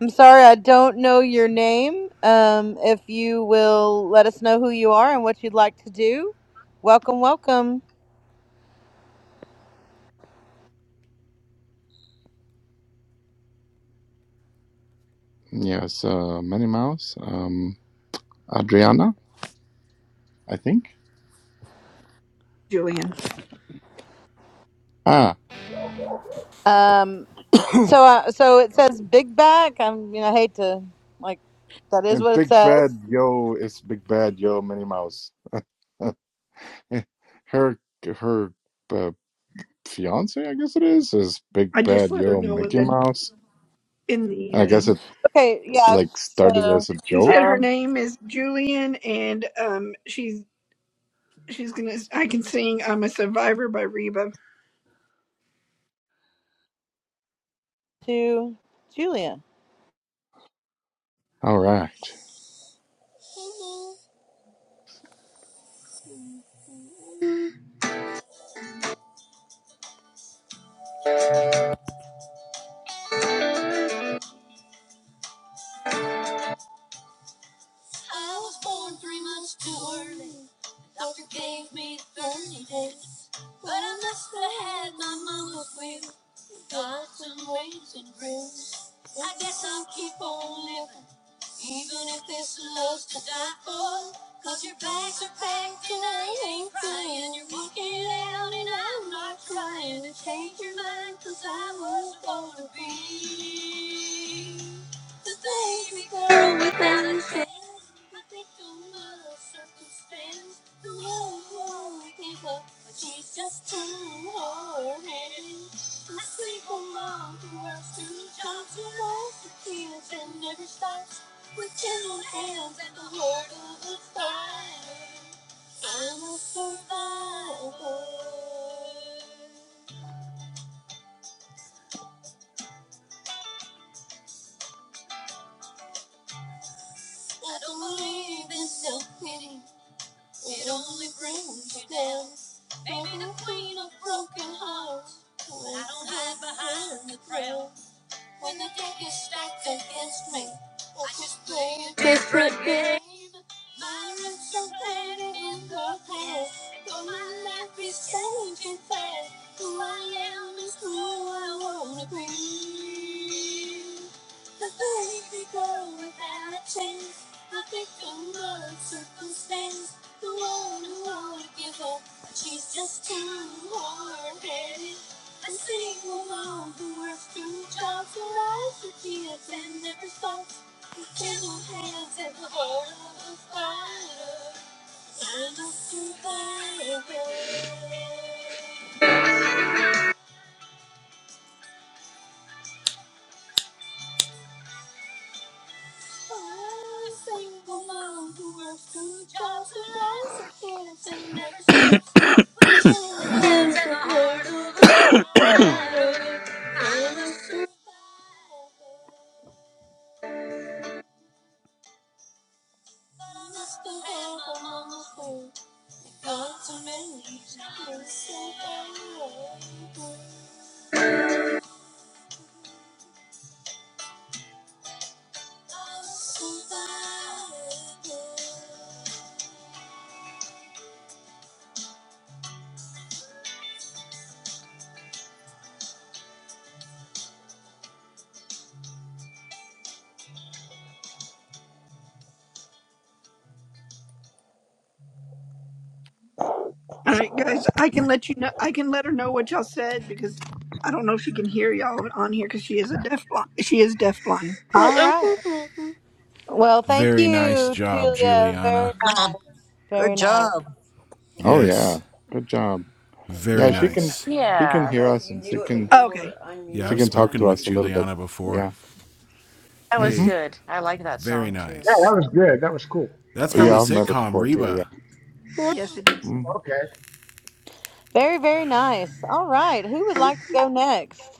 S2: I'm sorry I don't know your name. Um, if you will let us know who you are and what you'd like to do, welcome, welcome.
S11: Yes, uh, Minnie Mouse, um, Adriana, I think.
S1: Julian.
S11: Ah,
S2: Um,
S11: <clears throat> okay.
S2: so, uh, so it says big back. I'm, you know, I hate to like that is
S11: And
S2: what it
S11: Big
S2: says.
S11: Bad Yo, it's Big Bad Yo, Minnie Mouse. <laughs> her her uh, fiance, I guess it is, is Big
S1: I just
S11: Bad
S1: let her
S11: Yo,
S1: know in
S11: Mickey
S1: the
S11: Mouse.
S1: in the.
S11: I guess
S1: Um,
S11: it
S2: Okay, yeah.
S11: like started
S2: So,
S11: as a
S1: she said
S11: joke.
S1: her
S2: oh.
S1: name is Julian, and um, she's she's gonna. I can sing. I'm a survivor by Reba
S2: to Julia.
S11: All right.
S19: I was born three months too early. The Doctor gave me 30 days. But I must have had my mama's will. Got some raisin grace. I guess I'll keep on living. Even if this love's to die for, 'cause your bags are packed and I ain't crying. You're walking out and I'm not trying to change your mind 'cause I was born to be. The baby girl without a chance. I think the love circumstance. The world won't give up, but she's just too hard headed. I sleep on mom who works two jobs, who loves the kids and never stops. With two hands at the word of the fire. I'm a survivor. I don't believe in self-pity. It only brings you down. Baby, the queen of broken hearts. I don't hide behind the crown. When the deck is stacked against me, I just play a different game. Violence so bad in the past, though my life is changing fast. Who I am is who I wanna be. The baby girl without a chance, the victim of circumstance, the one who won't give up. She's just too hard-headed. I sing along the western child philosophy of end the response. The gentle hands at the heart of the fire. Sign up to fire. I sing along the western child philosophy of end never stops. With gentle hands at the heart of the fire. I must survive. I must survive. I must survive.
S1: All right, guys, I can let you know. I can let her know what y'all said because I don't know if she can hear y'all on here because she is a deaf blind. She is deaf blind.
S2: All right. Well, thank
S10: Very nice
S2: you,
S10: job,
S2: Julia. Very
S10: Juliana.
S14: Light
S2: nice.
S14: on. Good
S2: Very nice.
S14: job.
S11: Oh yeah.
S10: Yes,
S11: Good job.
S3: And
S10: very
S11: Yeah, she
S3: Joseph,
S11: can
S10: nice.
S11: she
S3: I
S11: can
S3: don't
S4: Yeah,
S11: hear
S3: know if
S11: us
S3: you
S11: and she
S3: knew it, but
S11: can
S3: you
S1: Okay.
S3: were
S10: Yeah,
S11: she
S10: I've
S11: can
S3: unmuted and I
S11: talk
S10: spoken
S11: to
S10: with
S11: us
S3: muted
S11: a little
S3: you.
S11: bit.
S10: Juliana before.
S11: Yeah.
S4: that was
S11: Mm-hmm.
S10: Hey,
S4: good. I like that
S10: very
S4: song too.
S5: Yeah, that
S10: nice.
S5: was good. That was cool.
S10: That's from the
S11: Yeah, I've met her
S10: sitcom
S11: before too. Yeah.
S10: Reba.
S1: Yes, it is.
S11: hmm
S5: Okay,
S2: Very, very nice. All right. Who would like to go next?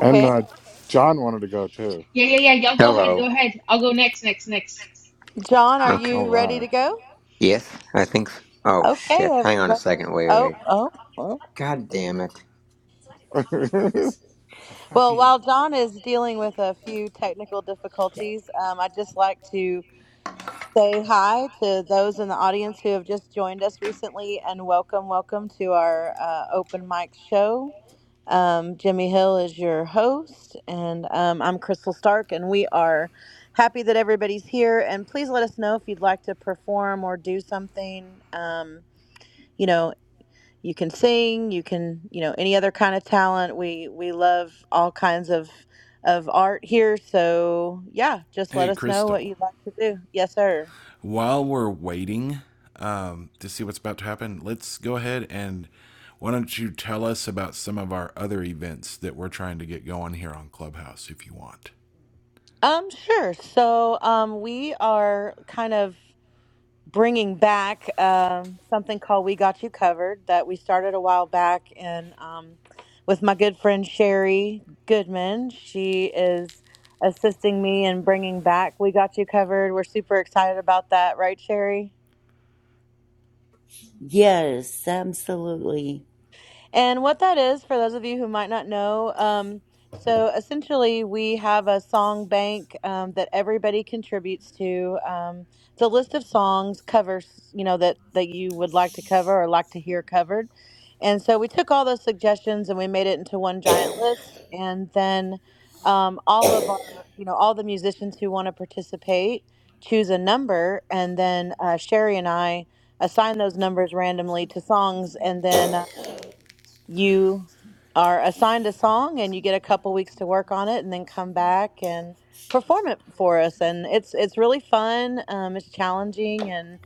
S11: And uh, John wanted to go too.
S12: Yeah, yeah, yeah. Y'all go ahead.
S20: Hello.
S12: Go
S17: Hello.
S12: ahead. I'll go next, next, next.
S2: John, are
S17: John, okay.
S20: Okay.
S17: Are
S11: All
S2: you
S17: you
S2: ready to
S11: right.
S17: ready
S2: go?
S17: to go?
S20: Yes,
S17: Yes, I
S20: I think.
S17: think
S20: s
S17: so.
S20: Oh
S17: Oh, shit.
S2: Okay,
S20: shit!
S17: Okay. Hang
S20: Hang
S17: on
S20: on
S17: a
S20: a
S2: everybody.
S17: second.
S20: second.
S17: Wait,
S20: Wait, wait.
S17: wait.
S2: Oh,
S20: wait.
S2: oh, oh.
S17: God
S20: God
S17: damn
S20: damn
S17: it.
S20: it.
S11: <laughs>
S17: It's the
S2: Well,
S17: fucking.
S2: while John is dealing with a few technical
S17: Shit.
S2: difficulties, um, I'd just like to say hi to those in the audience who have just joined us recently and welcome, welcome to our uh, open mic show. Um, Jimmy Hill is your host, and um, I'm Crystal Stark, and we are happy that everybody's here. And please let us know if you'd like to perform or do something. Um, you know, you can sing, you can, you know, any other kind of talent. We we love all kinds of of art here. So yeah, just let
S10: Hey,
S2: us know what
S10: Crystal.
S2: you'd like to do. Yes, sir.
S10: While we're waiting um, to see what's about to happen, let's go ahead and why don't you tell us about some of our other events that we're trying to get going here on Clubhouse if you want?
S2: Um, sure. So, um, we are kind of. bringing back um, something called "We Got You Covered" that we started a while back, and um, with my good friend Sherry Goodman, she is assisting me in bringing back "We Got You Covered." We're super excited about that, right, Sherry?
S8: Yes, absolutely.
S2: And what that is, for those of you who might not know, um, so essentially we have a song bank um, that everybody contributes to. Um, it's a list of songs, covers, you know, that that you would like to cover or like to hear covered. And so we took all those suggestions and we made it into one giant list. And then um, all of our, you know, all the musicians who want to participate choose a number, and then uh, Sherry and I assign those numbers randomly to songs, and then you are assigned a song and you get a couple weeks to work on it and then come back and perform it for us and it's it's really fun um, it's challenging and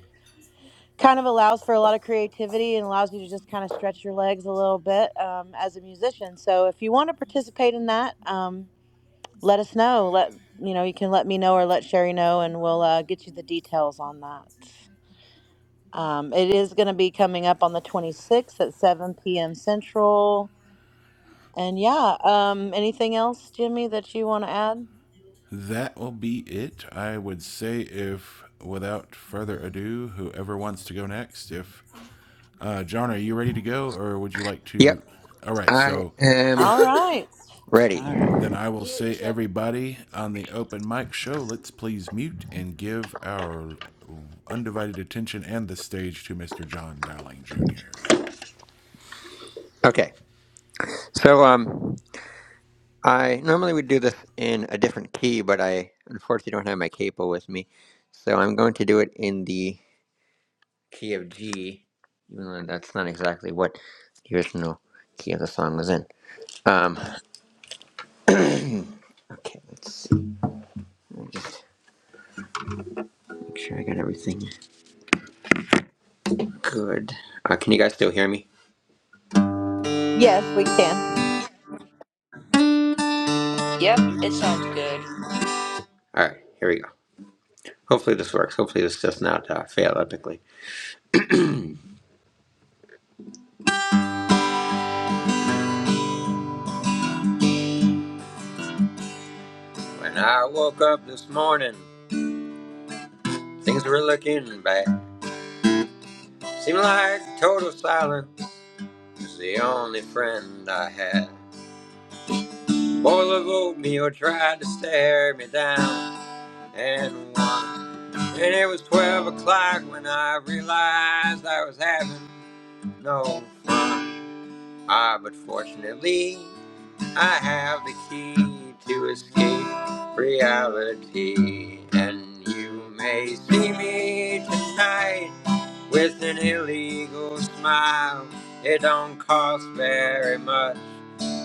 S2: kind of allows for a lot of creativity and allows you to just kind of stretch your legs a little bit um, as a musician so if you want to participate in that um, let us know let you know you can let me know or let sherry know and we'll uh, get you the details on that um, it is going to be coming up on the 26th at 7 p.m central and yeah, um, anything else, Jimmy, that you want to add?
S10: That will be it. I would say, if without further ado, whoever wants to go next, if uh, John, are you ready to go, or would you like
S20: Yep,
S10: to? All right,
S20: I
S10: so
S20: am
S2: All right.
S8: All
S20: ready.
S8: right.
S10: then I will say, everybody on the open mic show, let's please mute and give our undivided attention and the stage to Mr. John Dowling Jr.
S20: Okay. So um, I normally would do this in a different key, but I unfortunately don't have my capo with me, so I'm going to do it in the key of G, even though that's not exactly what the original key of the song was in. Um. Okay. Let's see. Let me just make sure I got everything good. Uh, can you guys still hear me?
S2: Yes, we can.
S4: Yep, it sounds good.
S20: All right. Here we go. Hopefully this works. Hopefully this does not uh, fail epically. When I woke up this morning, things were looking bad. Seemed like total silence was the only friend I had. Bowl of oatmeal tried to stare me down and won. And it was 12 o'clock when I realized I was having no fun. Ah, but fortunately, I have the key to escape reality, and you may see me tonight with an illegal smile. It don't cost very much,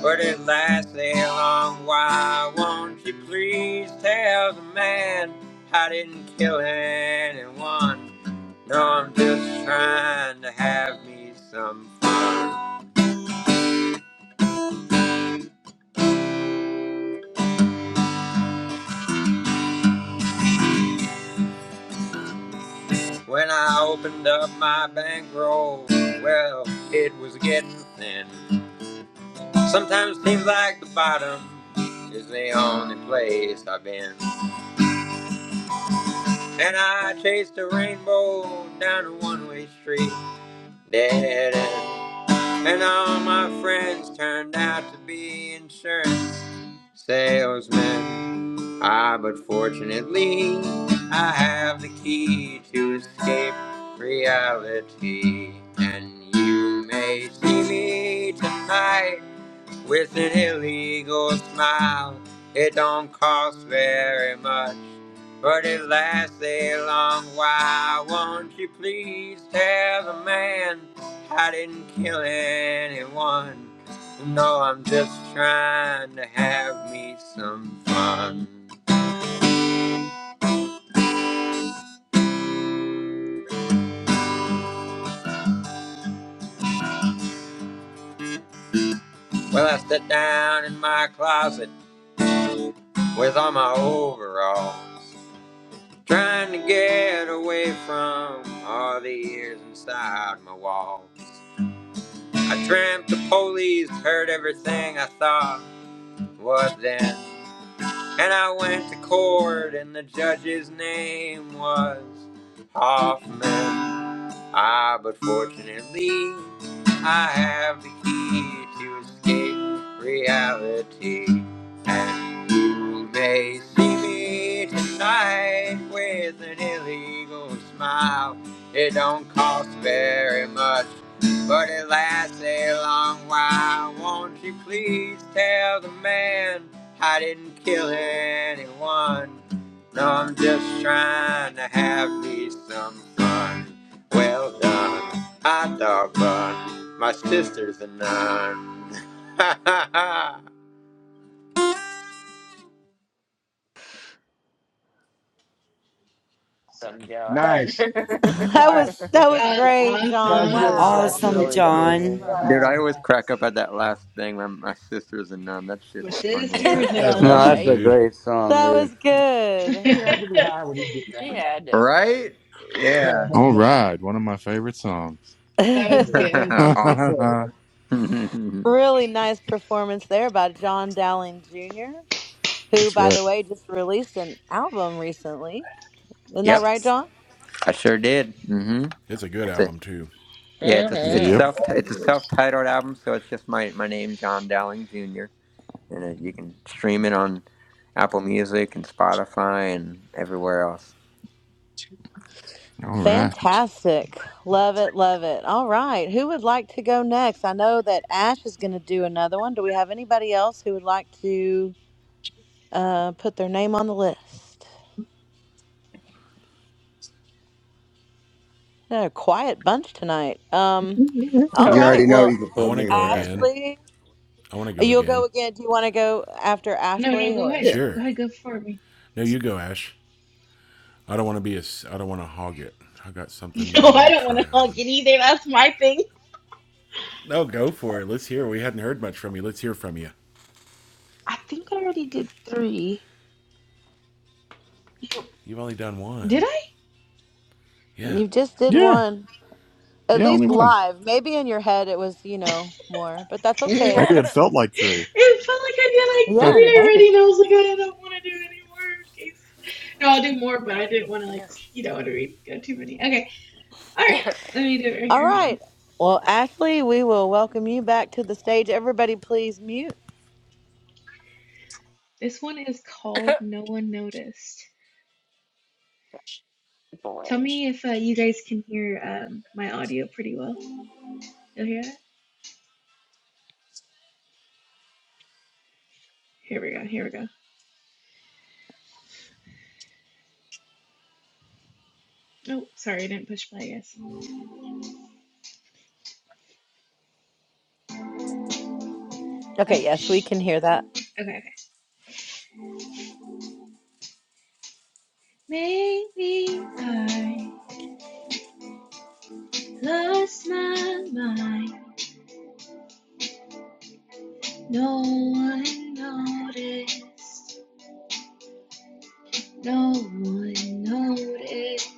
S20: but it lasts a long while. Won't you please tell the man I didn't kill anyone? No, I'm just trying to have me some fun. When I opened up my bankroll, well, it was getting thin. Sometimes it seems like the bottom is the only place I've been. And I chased a rainbow down a one-way street, dead end. And all my friends turned out to be insurance salesmen. Ah, but fortunately, I have the key to escape reality. And you may see me tonight with an illegal smile. It don't cost very much. But it lasts a long while. Won't you please tell the man I didn't kill anyone? No, I'm just trying to have me some fun. Well, I sit down in my closet with all my overalls, trying to get away from all the years inside my walls. I dreamt the police heard everything I thought. What then? And I went to court, and the judge's name was Hoffman. Ah, but fortunately, I have the key to escape reality. And you may see me tonight with an illegal smile. It don't cost very much, but it lasts a long while. Won't you please tell the man I didn't kill anyone? No, I'm just trying to have me some fun. Well done, hot dog bun. My sister's a nun. <laughs>
S4: I'm done.
S5: nice,
S2: <laughs> that
S5: nice.
S2: was that was
S12: That's
S2: great, John.
S4: <laughs>
S5: Sounds
S12: awesome.
S5: good,
S4: That's just
S2: Wow.
S8: Awesome,
S1: Nice
S4: really
S1: job.
S8: John.
S4: cool.
S20: Dude,
S5: guys.
S20: I always crack up at that last thing. My, my sister's a nun. That
S12: My
S20: shit's funny as
S5: <laughs>
S12: sisters
S20: hell.
S12: and
S5: yeah,
S4: <laughs>
S10: That's
S5: I know.
S12: um
S10: awesome,
S16: that's a
S4: right?
S10: dude.
S16: great song,
S2: That
S16: dude.
S2: was
S12: <laughs>
S2: good.
S5: He
S12: that
S5: had to be high when he did
S4: Yeah, It
S5: that.
S4: had to have been.
S20: Right? Yeah.
S11: All
S5: <laughs>
S11: right. One of my favorite songs.
S5: Hell
S12: was
S20: <laughs>
S2: <laughs>
S12: good.
S11: <laughs>
S12: That was
S11: That's
S12: good.
S5: yeah. <laughs>
S20: awesome. <laughs>
S2: really nice performance there by John Dowling Jr., who by
S11: right.
S2: the way just released an album recently. Isn't that
S20: yep,
S2: right, John?
S20: I sure did. hmm
S10: It's a good
S20: It's a
S10: album, too.
S20: yeah. It's a it's
S11: Yep.
S4: Mm-hmm.
S20: self it's a self titled album, so it's just my my name, John Dowling Jr. And uh, you can stream it on Apple Music and Spotify and everywhere else.
S11: All right.
S2: Fantastic. Love it, love it. All right. Who would like to go next? I know that Ash is going to do another one. Do we have anybody else who would like to uh, put their name on the list. They're a quiet bunch tonight. Um, all
S9: You
S4: Oh
S2: right.
S9: already know
S2: Well,
S4: no.
S9: you can
S10: I
S9: put
S10: want to
S9: me
S10: go again.
S9: wherever.
S2: Ashley,
S10: I want to go
S2: you'll go
S10: again.
S2: again. Do you want to go after
S12: No, no,
S2: Ashley
S12: go
S2: or
S12: ahead.
S9: Yeah.
S12: Go
S10: Sure.
S12: ahead, go for me.
S10: No, you go, Ash. I don't want to be a. s- I don't want to hog it. I got something
S12: <laughs>
S10: that
S12: No,
S10: I want
S12: I
S10: to
S12: don't want
S10: try
S12: to hug
S10: on.
S12: it either. That's my thing.
S10: No, go for it. Let's hear. We hadn't heard much from you. Let's hear from you.
S12: I think I already did three. You
S10: You've only done
S12: did
S10: one.
S12: I?
S10: Yeah.
S2: you just did
S11: Yeah.
S2: one? At
S11: Yeah. Only
S2: least
S11: one.
S2: live. Maybe in your head it was, you know, more, but that's
S4: <laughs> Boy,
S2: okay.
S11: Maybe it
S4: that
S11: felt
S12: <laughs>
S11: like three.
S12: It felt like I did like
S11: <laughs> yeah,
S2: Yeah,
S12: three
S2: maybe.
S12: already, and I was like, I don't want to do any more. In case, no, I'll do more, but I didn't want to like you know what I mean. Go too many. Okay, all right. Let me do it right
S2: All
S12: here. Hold on.
S2: right. Well, Ashley, we will welcome you back to the stage. Everybody, please mute.
S12: This one is called No One Noticed. Tell me
S4: was
S12: if uh, you guys can hear um, my audio pretty well. You'll hear that? Here we go. Here we go. Oh, sorry, I didn't push play, I guess.
S2: Okay,
S12: Oh,
S2: yes, we
S12: shh.
S2: can hear that.
S12: Okay, okay. Maybe I lost my mind. No one noticed. No one noticed.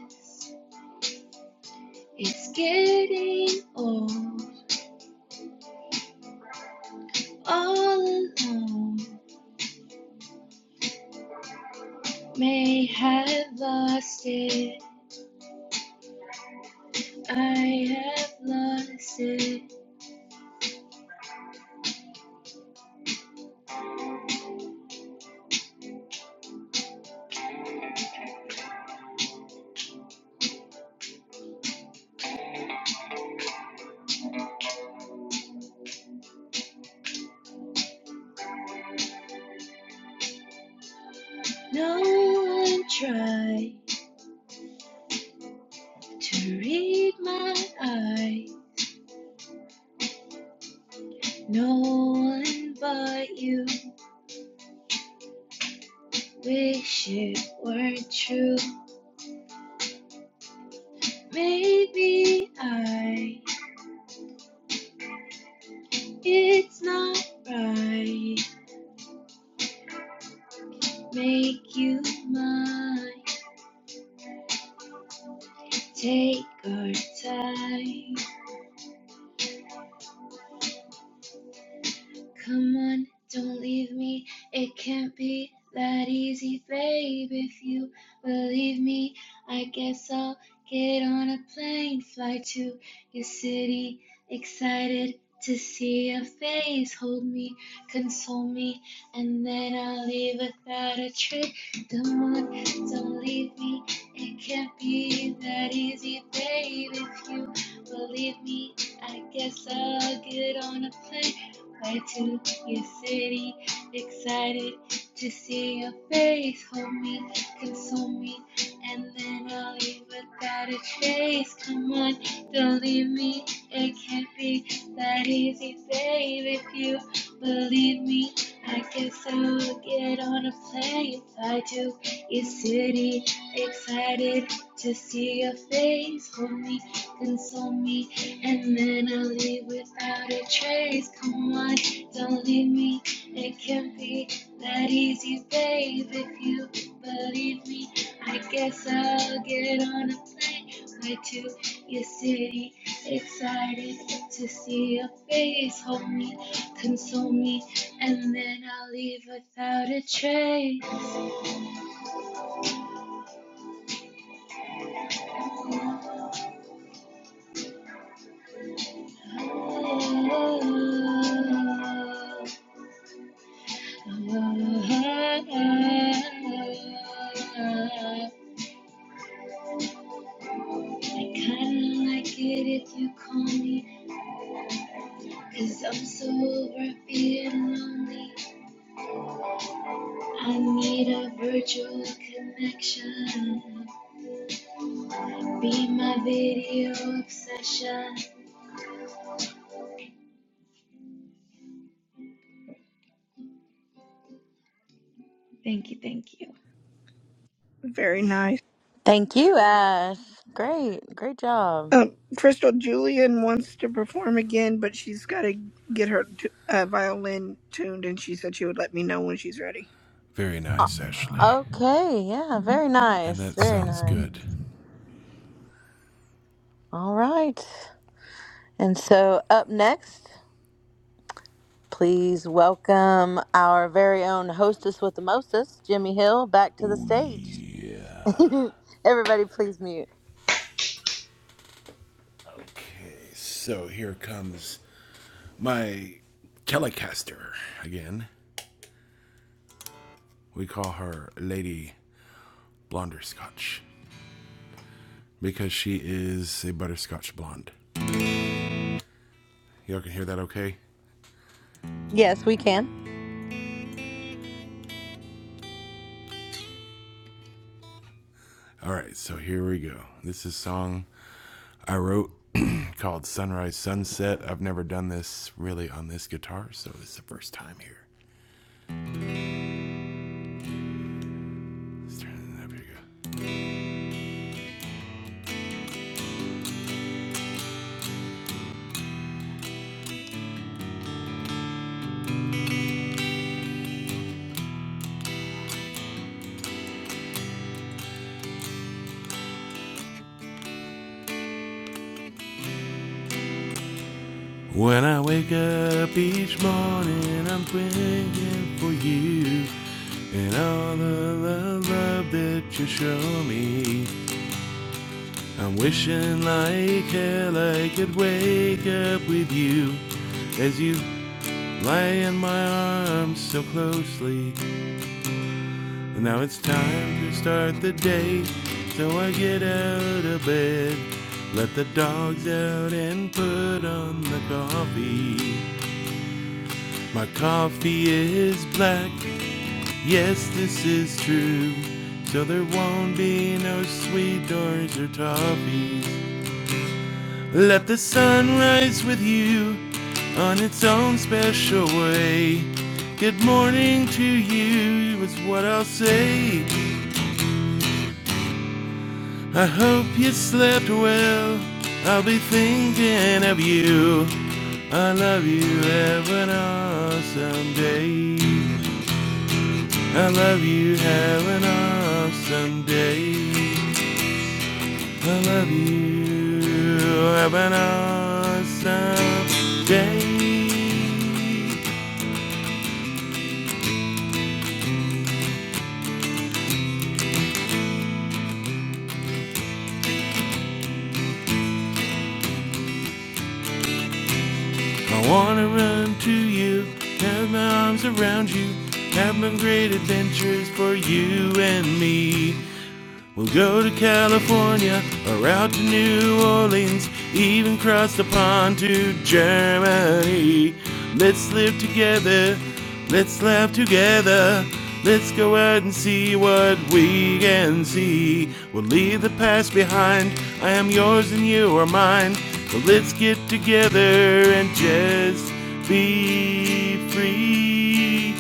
S12: It's sitting all, all alone. May have lost it. I have lost it. No one tried to read my eye. No one but you. Wish it were not true. Maybe I. It's not right. Make you mine. Take our time. Come on, don't leave me. It can't be that easy, babe. If you believe me, I guess I'll get on a plane, fly to your city. Excited to see your face. Hold me, console me, and then I'll leave without a trick. Come on, don't leave me. It can't be that easy, babe. If you believe me, I guess I'll get on a plane I took your city, excited to see your face. Hold me, console me, and then I'll leave without a trace. Come on, don't leave me. It can't be that easy, babe. If you believe me, I guess I will get on a plane. Fly to your city, excited to see your face. Hold me, console me. And then I'll leave without a trace. Come on, don't leave me. It can't be that easy, babe. If you believe me, I guess I'll get on a plane right to your city. Excited to see your face. Hold me, console me, and then I'll leave without a trace. Oh. I kinda like it if you call me, cause I'm so over being lonely. I need a virtual connection, be my video obsession. Thank you, thank you.
S1: Very nice.
S2: Thank you, Ash. Great, great job.
S1: Um, Crystal Julian wants to perform again, but she's got to get her t- uh, violin tuned, and she said she would let me know when she's ready.
S10: Very
S2: Uh,
S10: nice, Ashley.
S2: Okay, yeah, very
S10: And
S2: nice,
S10: that
S2: very
S10: sounds
S2: nice.
S10: good.
S2: All right. And so up next, please welcome our very own hostess with the mostest, Jimmy Hill, back to the
S10: Oh
S2: stage.
S10: yeah.
S2: <laughs> Everybody, please mute.
S10: Okay. So here comes my Telecaster again. We call her Lady Blonderscotch because she is a butterscotch blonde. Y'all can hear that okay?
S2: Yes, we can.
S10: All right, so here we go. This is song I wrote <clears throat> called Sunrise Sunset. I've never done this really on this guitar, so it's the first time here. Let's turn it up. Here we go. When I wake up each morning, I'm thinking for you and all the love, love that you show me. I'm wishing like hell I could wake up with you as you lie in my arms so closely. Now it's time to start the day, so I get out of bed. Let the dogs out and put on the coffee. My coffee is black, yes, this is true. So there won't be no sweeteners or toffees. Let the sun rise with you on its own special way. Good morning to you is what I'll say. I hope you slept well. I'll be thinking of you. I love you. Have an awesome day. I love you. Have an awesome day. I love you. Have an awesome day. I wanna run to you, have my arms around you, have my great adventures for you and me. We'll go to California or out to New Orleans, even cross the pond to Germany. Let's live together, let's laugh together, let's go out and see what we can see. We'll leave the past behind, I am yours and you are mine. So let's get together and just be free.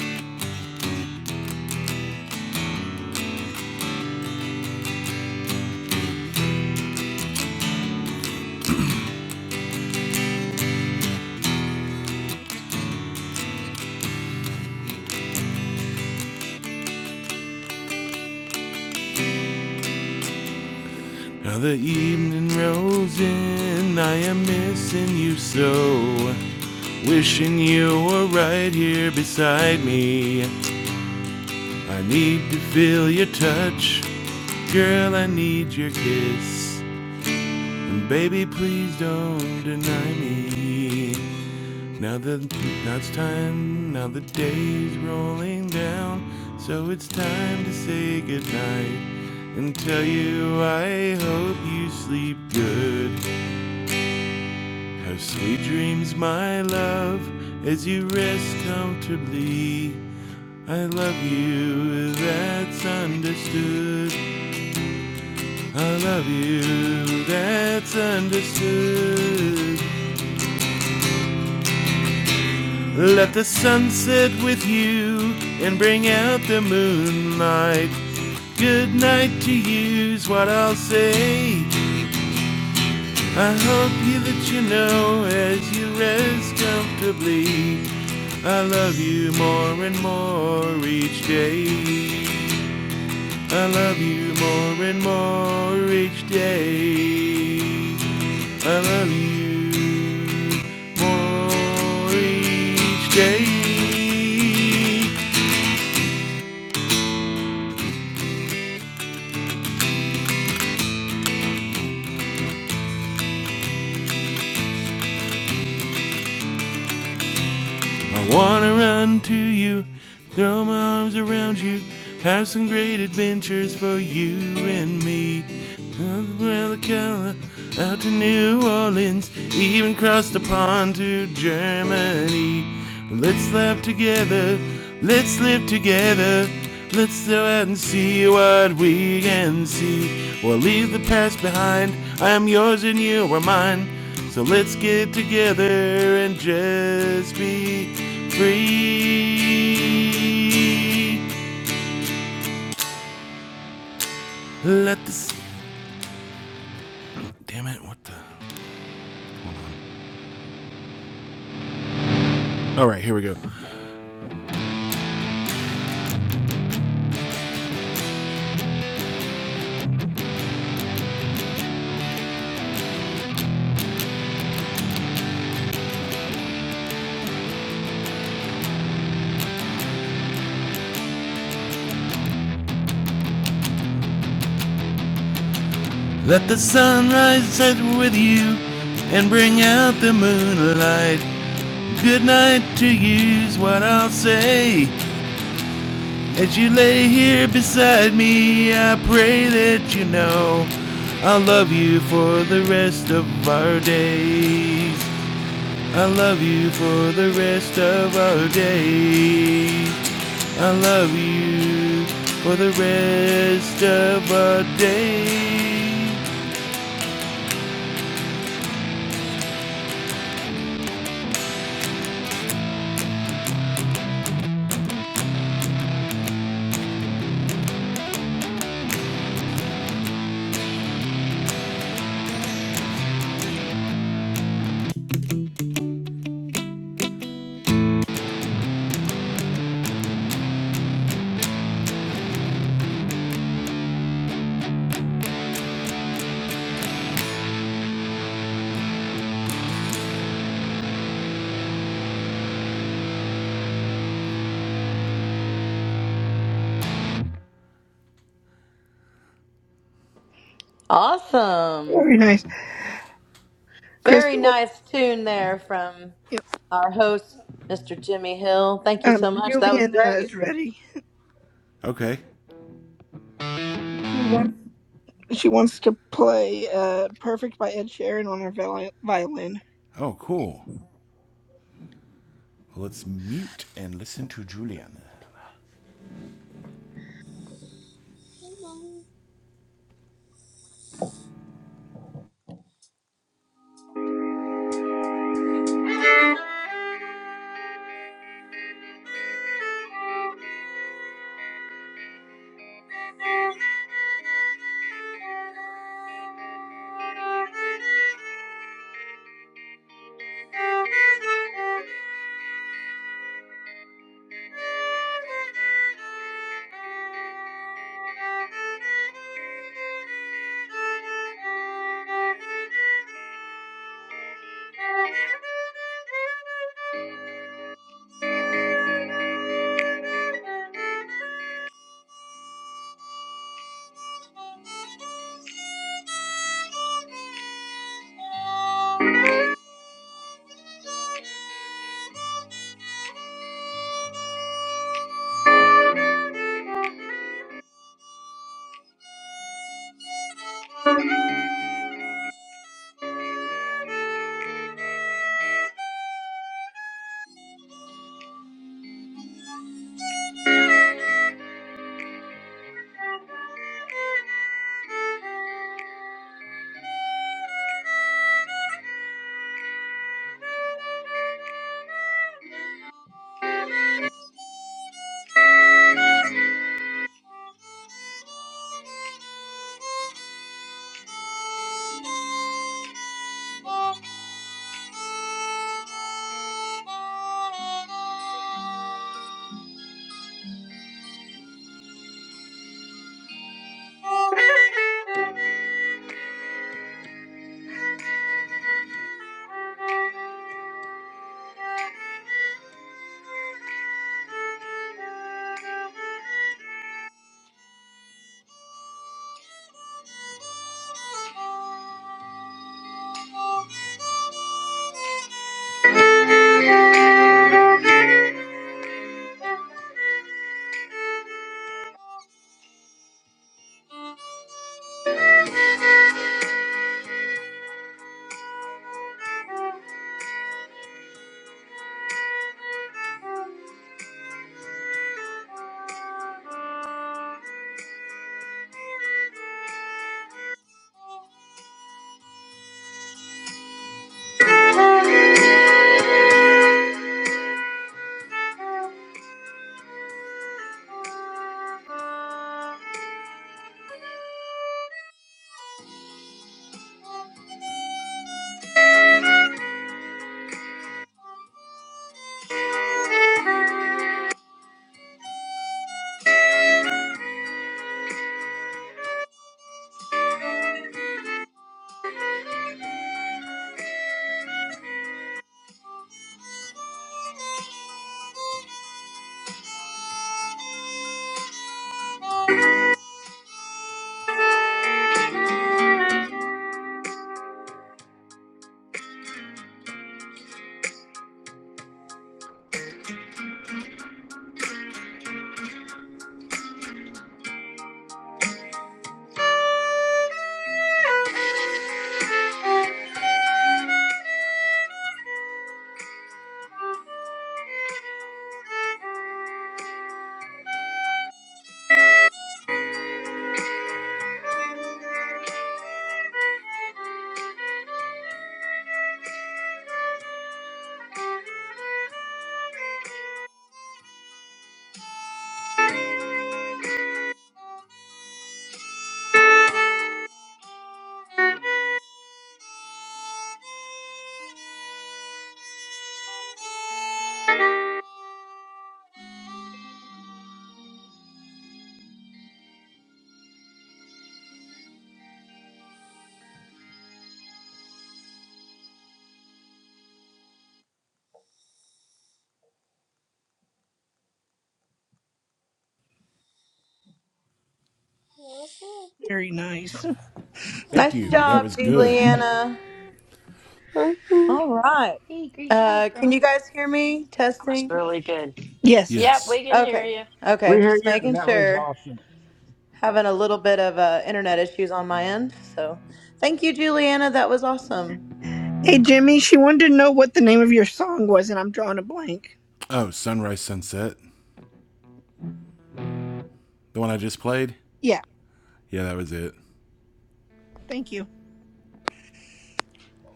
S10: Now the evening rolls in, I am missing you so. Wishing you were right here beside me. I need to feel your touch. Girl, I need your kiss. And baby, please don't deny me. Now the now it's time, now the day's rolling down. So it's time to say goodnight and tell you I hope you sleep good. Have sweet dreams, my love, as you rest comfortably. I love you, that's understood. I love you, that's understood. Let the sun set with you and bring out the moonlight. Good night to you's what I'll say. I hope you that you know as you rest comfortably. I love you more and more each day. I love you more and more each day. I love you more each day. I wanna run to you, throw my arms around you, have some great adventures for you and me. out to New Orleans, even crossed the pond to Germany. Let's laugh together, let's live together, let's go out and see what we can see. We'll leave the past behind, I am yours and you are mine. So let's get together and just be free. Let the. Damn it, what the. Alright, here we go. Let the sunrise set with you and bring out the moonlight. Good night to you's what I'll say. As you lay here beside me, I pray that you know I'll love you for the rest of our days. I love you for the rest of our days. I love you for the rest of our days.
S2: Awesome.
S1: Very nice,
S2: Very
S1: Crystal.
S2: nice tune there from
S1: yeah,
S2: our host, Mr. Jimmy Hill. Thank you
S1: Um,
S2: so much. That was
S1: Julian uh,
S2: great.
S1: is ready.
S10: Okay.
S1: She wants she wants to play uh, "Perfect" by Ed Sheeran on her viol- violin.
S10: Oh, cool. Let's mute and listen to Julian.
S19: Thank you you. <laughs> Thank you. Thank you.
S1: Very nice.
S10: Thank
S2: Nice
S19: Huh?
S10: you. That
S2: job,
S10: was good.
S2: Juliana. All right.
S12: Hey, great job,
S2: Uh, can you
S12: girl.
S2: guys hear me? Testing.
S4: really good.
S1: Yes.
S4: Yep,
S10: Yes.
S4: we can hear
S2: Okay.
S4: you. <laughs>
S5: we
S2: Okay.
S5: hear
S2: Just
S5: you, and
S2: making
S5: that was
S2: sure.
S5: awesome.
S2: Having a little bit of uh, internet issues on my end. So thank you, Juliana. That was awesome.
S1: Hey, Jimmy, she wanted to know what the name of your song was, and I'm drawing a blank.
S10: Oh, Sunrise Sunset. The one I just played?
S1: Yeah,
S10: Yeah, that was it.
S1: thank you.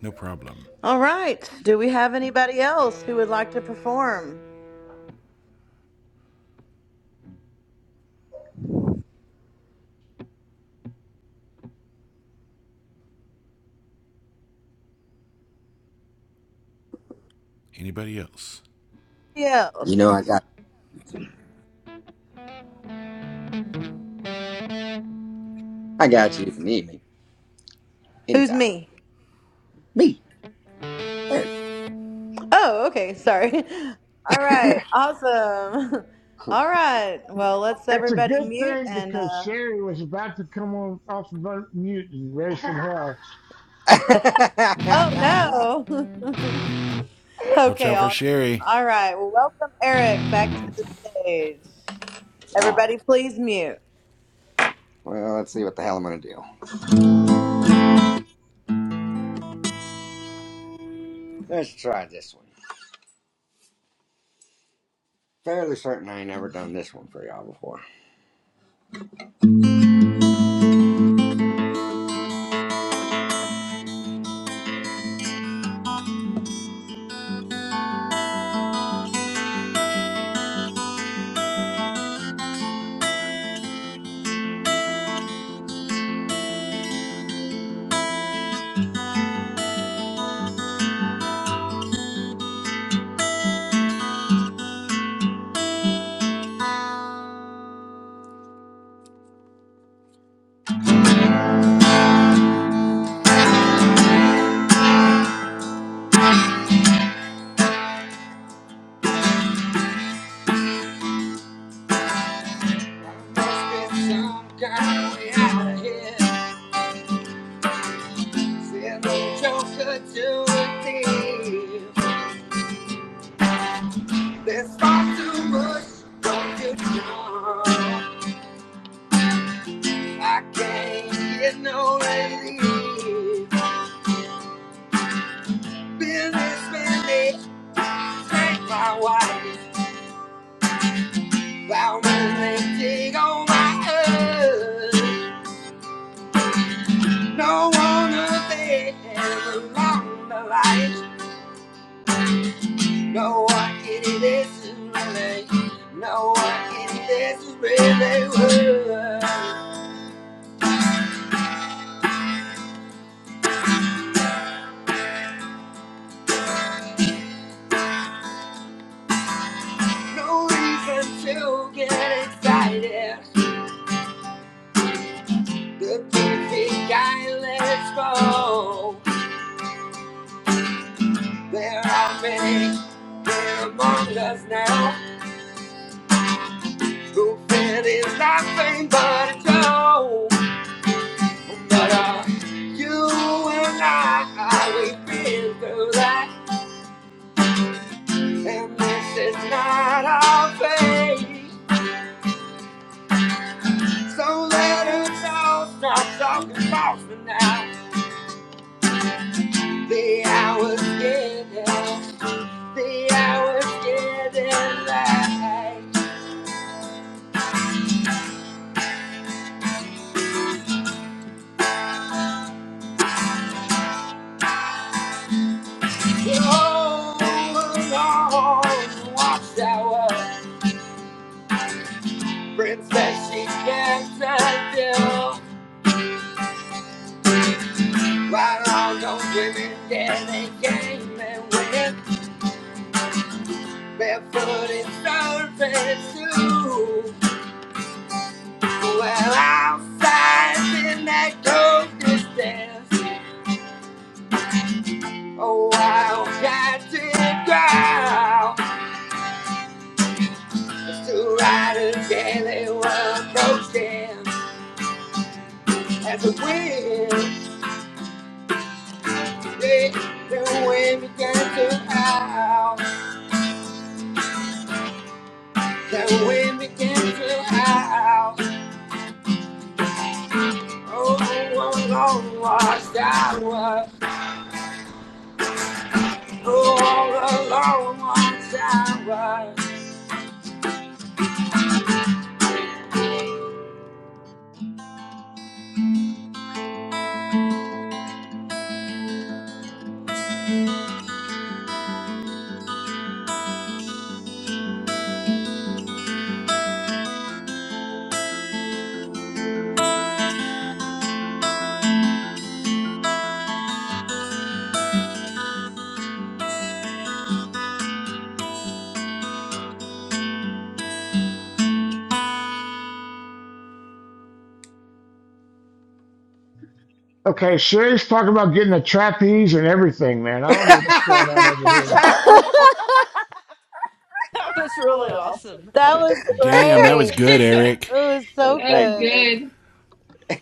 S10: No problem.
S2: All right. Do we have anybody else who would like to perform?
S10: Anybody else?
S2: Yes.
S9: You know I got I got you if you need me.
S2: Who's
S9: Anytime.
S2: me?
S9: Me.
S2: Oh, okay. Sorry. <laughs> All right. Awesome. <laughs> All right. Well, let's
S5: It's a
S2: everybody
S5: good
S2: mute
S5: thing
S2: and,
S5: because
S2: uh,
S5: Sherry was about to come on off of mute and raise some hell.
S9: <laughs> Alright.
S2: oh no. <laughs>
S10: Watch
S2: okay.
S10: out for
S2: Awesome.
S10: Sherry.
S2: All right. Well, welcome Eric back to the stage. Everybody, please mute.
S9: Well, let's see what the hell I'm gonna do. Let's try this one. Fairly certain I ain't never done this one for y'all before. Must be some kind of way out of here. See if the Joker do a deal. There's far too much confusion. I can't get no relief. Business man, thank my wife. Bound they dig on my earth. No one of them along the light. No one in this is really. No one in this is really worth. No reason to get excited. The perfect guy, let's go. There are many men among us now who feel it's nothing but a joke. But uh, you and I, we've been through that, and this is not our fate. So let us all stop talking false for now. The hour's getting, the hour's getting late. Princess, she can't tell you. Right on those women, yeah, they came and went. Barefoot and surface, too. Well, outside in that cold distance. Oh, wild cat to growl As two riders gaily were approaching as the wind. Rich, the way we can to out, the way we can to out. Oh, oh, oh, long lost Oh, oh, oh, long lost
S5: Okay, Sherry's talking about getting a trapeze and everything, man. I don't know what's going on over here.
S2: <laughs>
S9: <laughs>
S4: That was really awesome.
S2: That was
S4: <laughs>
S10: Damn, that was
S2: great.
S10: good,
S12: <laughs>
S10: Eric.
S2: It was
S9: Uh,
S2: so
S12: That's
S9: Thank you.
S2: good.
S12: good.
S9: <laughs>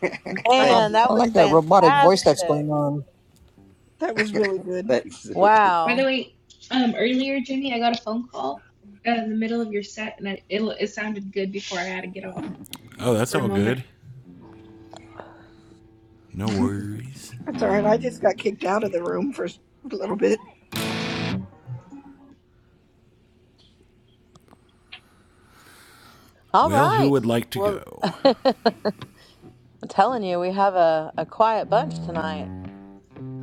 S14: Light
S9: Thank
S14: on.
S2: Man,
S9: you.
S2: that
S14: I
S2: was
S14: like that robotic voice that's
S2: fantastic.
S14: going on.
S1: That was really good.
S9: Thanks.
S12: By the
S2: Wow.
S12: way, um, earlier, Jimmy, I got a phone call uh, in the middle of your set, and I, it, it sounded good before I had to get off
S10: Oh, that's
S12: for a
S10: all
S12: moment.
S10: good. No worries.
S1: That's all right. I just got kicked out of the room for a little bit.
S2: All
S10: Well, who
S2: right.
S10: would like to
S2: Well,
S10: go?
S2: <laughs> I'm telling you, we have a, a quiet bunch tonight.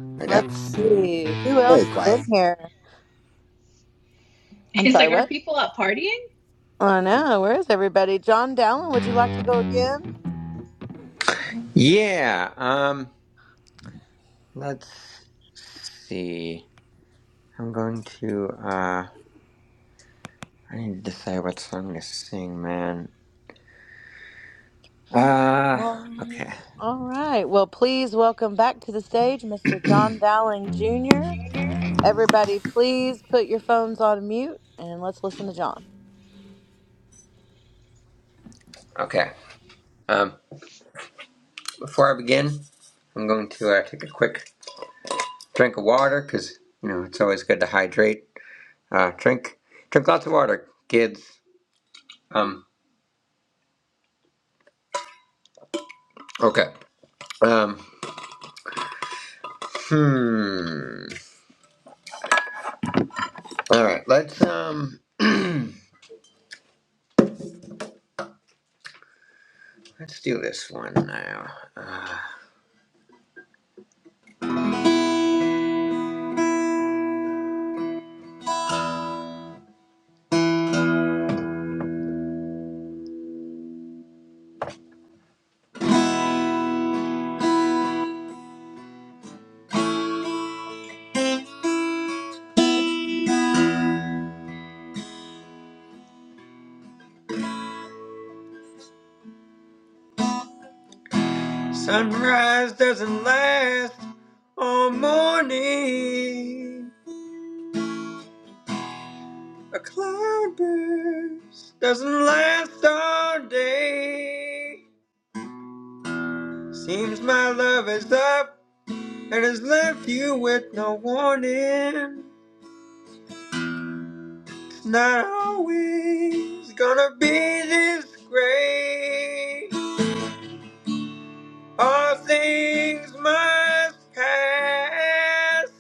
S9: <laughs> I know.
S2: Let's see. Who
S9: Very
S2: else is
S9: quiet.
S2: in here?
S12: <laughs>
S2: I'm
S12: It's
S2: sorry,
S12: like, are
S2: what?
S12: people out partying?
S2: I know. Where is everybody? John Dowland, would you like to go again?
S20: Yeah, um, let's see. I'm going to, uh, I need to decide what song to sing, man. Uh,
S2: Um,
S20: okay.
S2: all right. Well, please welcome back to the stage Mr. John Dowling Jr. Everybody, please put your phones on mute and let's listen to John.
S20: Okay. Um, before I begin, I'm going to, uh, take a quick drink of water, because, you know, it's always good to hydrate. Uh, drink, drink lots of water, kids. Um, okay. Um, hmm. All right, let's, um, <clears throat> let's do this one now. Uh, Sunrise doesn't last all morning. A cloudburst doesn't last all day. Seems my love is up and has left you with no warning. It's not always gonna be this great. All things must pass.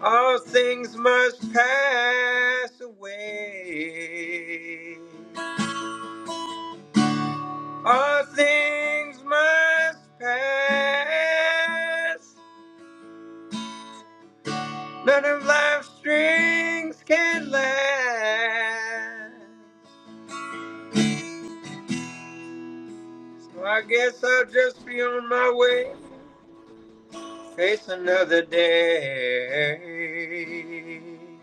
S20: All things must pass away. All things must pass. None of life's strings can last. So I guess I'll just be on my way. Face another day.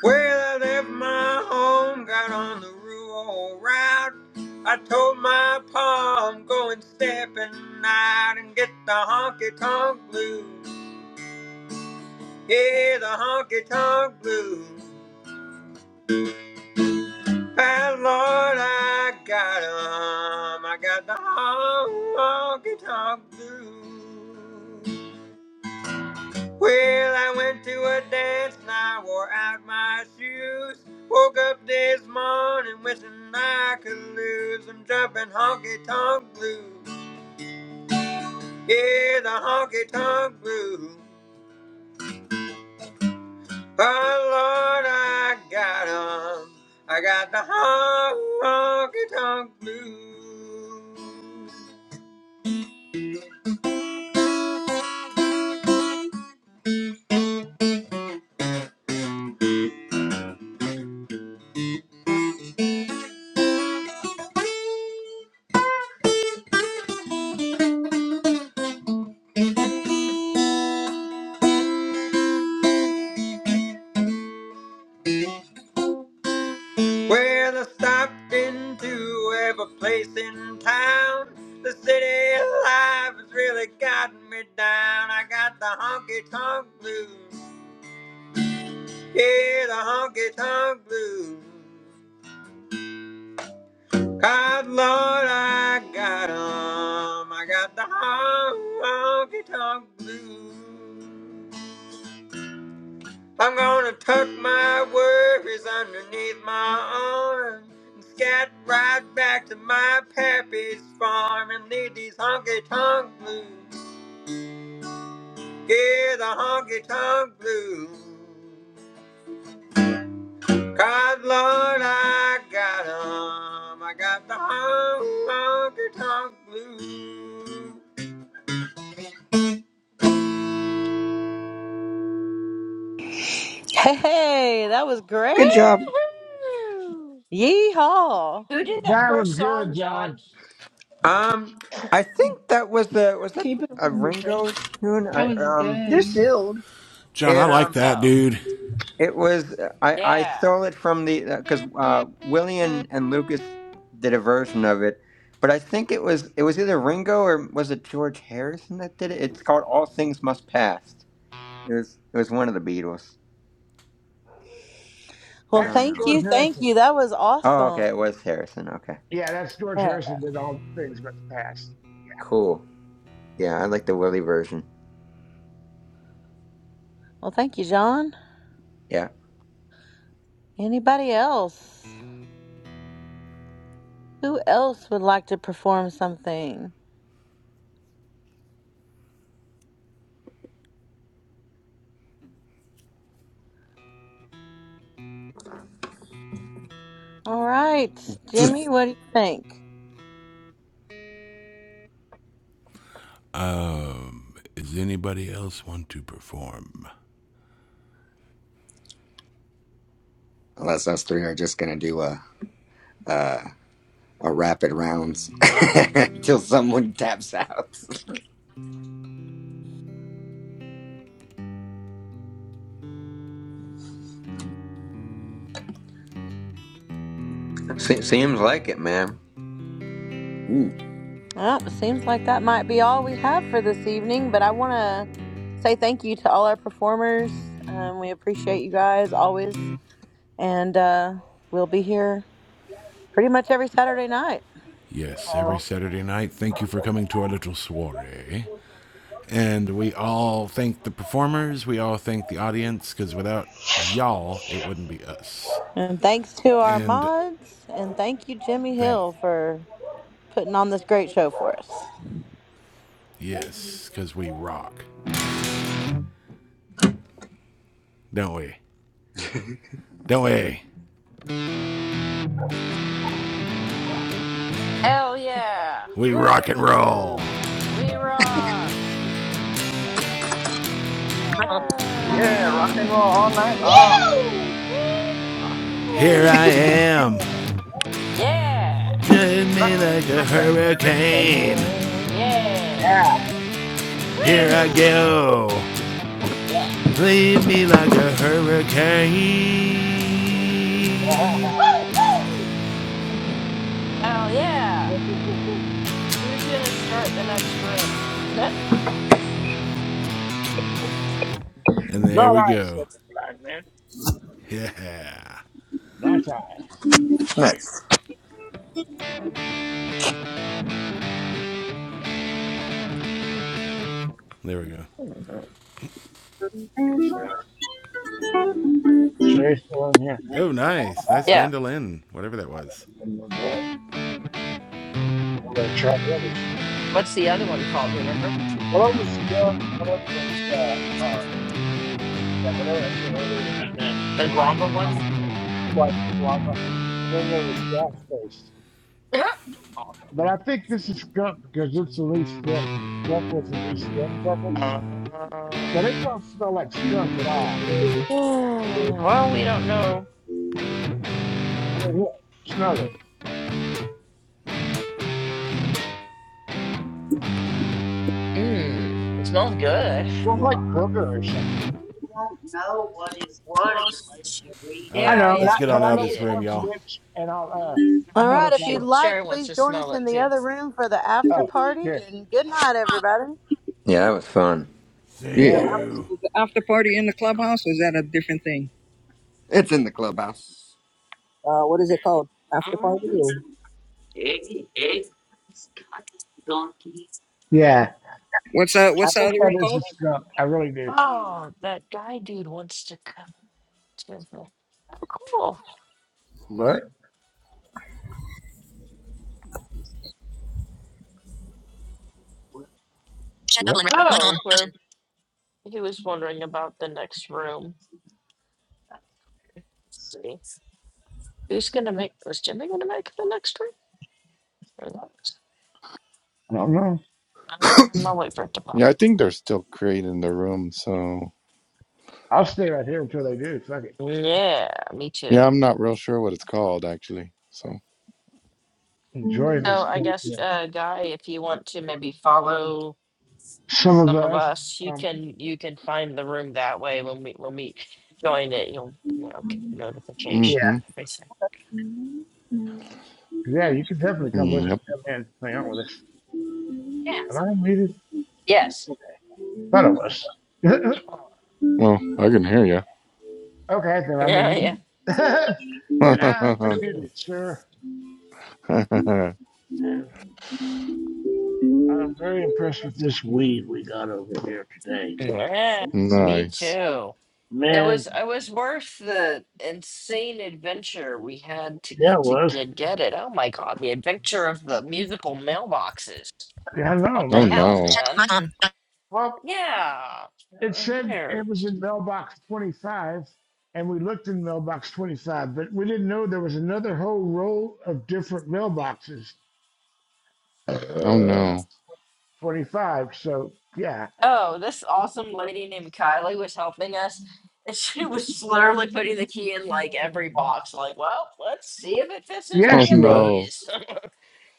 S20: Well, I left my home, got on the rural route. I told my pa I'm going stepping out and get the honky tonk blues. Yeah, the honky tonk blues. And Lord, I got 'em. I got the honky tonk blues. Well, I went to a dance and I wore out my shoes. Woke up this morning wishing I could lose. I'm jumping honky tonk blues. Yeah, the honky tonk blues. Oh Lord, I got 'em. I got the honky tonk blues. Well, I stopped into every place in town. The city life has really gotten me down. I got the honky tonk blues. Yeah, the honky tonk blues. God, Lord, I got 'em. I got the honky tonk blues. I'm gonna tuck my worries underneath my arm and scat right back to my pappy's farm and leave these honky tonk blues. Yeah, the honky tonk blues. God, Lord, I got 'em. I got the honky tonk blues.
S2: Hey, hey, that was
S4: woo
S1: Good
S2: great.
S1: job.
S2: Yeehaw.
S4: Who did that
S5: That was
S4: first
S5: good,
S4: song, John?
S5: John.
S20: Um, I think that was a was that
S1: Keep it up.
S20: a Ringo tune?
S12: That
S20: I
S12: was
S20: um
S1: They're
S12: good.
S1: still.
S10: John, I
S20: it
S10: like
S20: um.
S10: that,
S4: Oh,
S10: dude.
S20: It was uh, I, I
S4: yeah.
S20: stole it from the because uh, 'cause, uh, William and Lucas did a version of it, but I think it was it was either Ringo or was it George Harrison that did it? It's called All Things Must Pass. It was it was one of the Beatles. I
S2: Well,
S5: That's
S20: don't know,
S2: thank
S5: George
S20: man.
S2: you. Thank
S5: Harrison.
S2: you. That was
S20: Oh, okay, it
S2: awesome.
S20: was Harrison. Okay,
S5: Yeah, that's George
S2: Yeah.
S5: Harrison did all things but the past.
S20: cool. Yeah, I like the Willie version.
S2: Well, thank you, John.
S20: Yeah,
S2: Anybody else? Who else would like to perform something? All right, Jimmy, what do you think?
S10: Um, Does anybody else want to perform?
S9: Unless us three are just gonna do a uh, a rapid rounds <laughs> until someone taps out. <laughs>
S20: Se- seems like it, man.
S9: Mm,
S2: Well, it seems like that might be all we have for this evening, but I want to say thank you to all our performers. Um, we appreciate you guys always, and uh, we'll be here pretty much every Saturday night.
S10: Yes, every
S2: So,
S10: Saturday night. Thank you for coming to our little soiree. And we all thank the performers, we all thank the audience, because without y'all, it wouldn't be us.
S2: and thanks to our
S10: And
S2: mods, and thank you, Jimmy
S10: thank,
S2: Hill, for putting on this great show for us.
S10: yes, because we rock, don't we? Don't we?
S4: Hell yeah.
S10: We rock and roll.
S4: Woo! We rock.
S14: Light on. Yeah, rock
S4: Yeah.
S14: and roll all night long.
S20: Ah.
S10: Here
S4: Woo!
S10: I am,
S4: Yeah.
S10: drive me
S14: Rock
S10: like a
S14: like a hurricane.
S10: hurricane.
S4: Yeah.
S10: Here I
S12: Yes.
S4: Woo!
S10: go,
S4: Yeah.
S10: leave me like a hurricane.
S4: Hell yeah. Who's gonna start the next room?
S10: And
S5: Not
S10: there we
S5: us, said
S10: go. <laughs>
S5: the blind man.
S10: Yeah.
S5: Not I.
S9: nice.
S10: There we go.
S4: <laughs>
S5: He said, Sherry's still in here.
S10: Oh, nice. Nice
S5: All
S4: yeah.
S5: Right,
S10: mandolin, whatever that was.
S5: I'm gonna go. I'm gonna try the other stuff. What's-
S4: What's the other one called? Do you remember?
S5: What I was doing, what I was, uh, uh, that whatever I said earlier, and then
S4: The
S5: lava,
S4: guava one?
S5: uh, like lava, and then there was gas face.
S4: <clears throat>
S5: <laughs> But I think this is skunk because it's the least dense. and Skunk was the least dense of them. But
S4: Um,
S5: it don't smell like skunk at all.
S4: <sighs> well, we don't know.
S5: I mean, look, smell it.
S4: Mm, it smells good.
S5: It smells like booger or something. You will
S4: Smells-
S10: All
S5: I
S10: right,
S4: Yeah,
S5: know,
S4: you
S5: and
S10: let's
S5: I,
S4: have
S10: get
S4: to
S5: but
S10: on
S5: I
S10: out of
S5: know
S4: read
S10: this
S5: which
S10: room,
S5: one's
S4: it.
S10: y'all.
S5: which, and I'll, uh, I'm
S2: All
S5: going to
S4: Oh,
S2: right,
S5: look
S2: if
S4: she,
S2: you'd like,
S4: Sherry wants
S5: at
S2: please
S4: to
S2: join us
S4: smell
S2: in
S4: it
S2: the
S5: them.
S4: too.
S2: other room for the after
S5: Oh,
S2: party,
S5: good.
S2: and good night, everybody.
S20: Yeah, that was fun.
S10: See
S5: Yeah,
S9: Yeah.
S5: it was.
S10: you.
S14: Was the after party in the clubhouse? Or Was that a different thing?
S9: It's in the clubhouse.
S14: uh, what is it called? After party? Or?
S5: Yeah,
S14: What's that?
S5: I
S14: What's the
S5: think
S14: other
S5: that
S14: room
S5: is a
S14: called?
S5: skunk. I really do.
S4: Oh, that guy dude wants to come to. the- Oh, cool.
S5: What?
S14: Chat bubble
S5: What?
S14: mic on
S4: Oh,
S14: button.
S4: where he was wondering about the next room. Let's see. Who's gonna make? Was Jimmy gonna make the next room? There that is.
S5: I don't know.
S4: I'm gonna wait for it to pop.
S11: I think they're still creating the room. So.
S5: I'll stay right here until they do. Fuck it.
S4: Yeah, me
S11: Yeah,
S4: too.
S11: I'm not real sure what it's called actually. So,
S5: Enjoying
S4: So
S5: this
S4: I
S5: content.
S4: guess, uh, Guy, if you want to maybe follow
S5: Some of
S4: some of
S5: us,
S4: us, you
S5: um,
S4: can you can find the room that way when we when we join it. You'll you know get the notification.
S5: yeah,
S11: mm-hmm.
S4: and everything.
S5: yeah, you can definitely come with
S11: mm,
S5: us.
S11: Yep.
S5: Come and hang out with us. Am I muted
S4: Yes. <laughs>
S5: Thought I was. <laughs>
S11: Well, I can hear you.
S5: okay, then I'm
S4: Yeah. Yeah.
S5: unmuted. <laughs> then I'm
S4: Mhm.
S5: unmuted, sir.
S11: <laughs>
S5: And I'm very impressed with this weed we got over here today.
S4: Yeah. Me
S11: nice.
S4: too.
S5: It
S4: It
S5: Man,
S4: was it was worth the insane adventure we had to
S5: yeah, it
S4: to
S5: was.
S4: get get it. Oh my god, the adventure of the musical mailboxes.
S5: Yeah, I know,
S4: What the
S11: Oh
S5: man.
S4: hell,
S11: no.
S14: Chat
S4: man?
S14: mic on Button.
S5: Well,
S4: Yeah,
S5: it said
S4: there.
S5: it was in mailbox 25, and we looked in mailbox 25, but we didn't know there was another whole row of different mailboxes.
S11: Oh
S5: Uh,
S11: no. <laughs>
S5: 25. So, yeah.
S4: Oh, this awesome lady named Kylie was helping us, and <laughs> she was literally putting the key in like every box. Like, well, let's see if it fits
S5: puts it.
S4: in
S11: Oh
S5: Yes,
S4: any
S5: you in
S4: of
S5: were.
S11: no.
S4: these.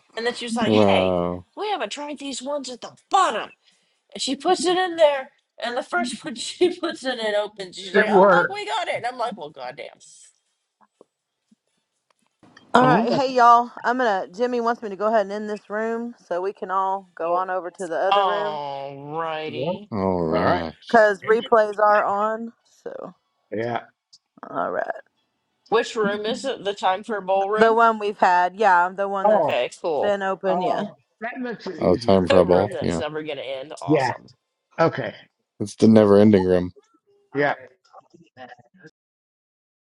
S4: <laughs> and then she was like, "Hey,
S11: Wow.
S4: we haven't tried these ones at the bottom." And she puts it in there, and
S5: if
S4: the first one <laughs>
S5: it's- <laughs> see
S4: she puts in and opens,
S5: It
S4: she's like, "Oh, look,
S5: were.
S4: we got it!" And I'm like, "Well, goddamn."
S2: All
S5: Oh, we
S2: right, hey
S5: must-
S2: y'all. I'm gonna. Jimmy wants me to go ahead and end this room so we can all go on over to the other
S5: oh,
S2: room
S5: right. yeah. All
S4: Alrighty.
S11: All
S5: right.
S11: right.
S2: because replays are on. So,
S5: Yeah.
S2: all right,
S4: Which room is it? The time for a
S2: the
S4: ballroom?
S2: one we've had, yeah, the one that's
S5: Oh,
S4: Okay, cool.
S2: been open, yeah.
S5: oh, that makes it
S11: Oh, time
S4: <laughs>
S5: easier.
S11: for a
S4: A
S5: Okay.
S4: room
S11: ball.
S4: that's
S11: Yeah.
S4: never gonna end.
S5: <laughs> Yeah.
S4: Awesome.
S5: Okay.
S11: It's the never ending room.
S5: Yeah.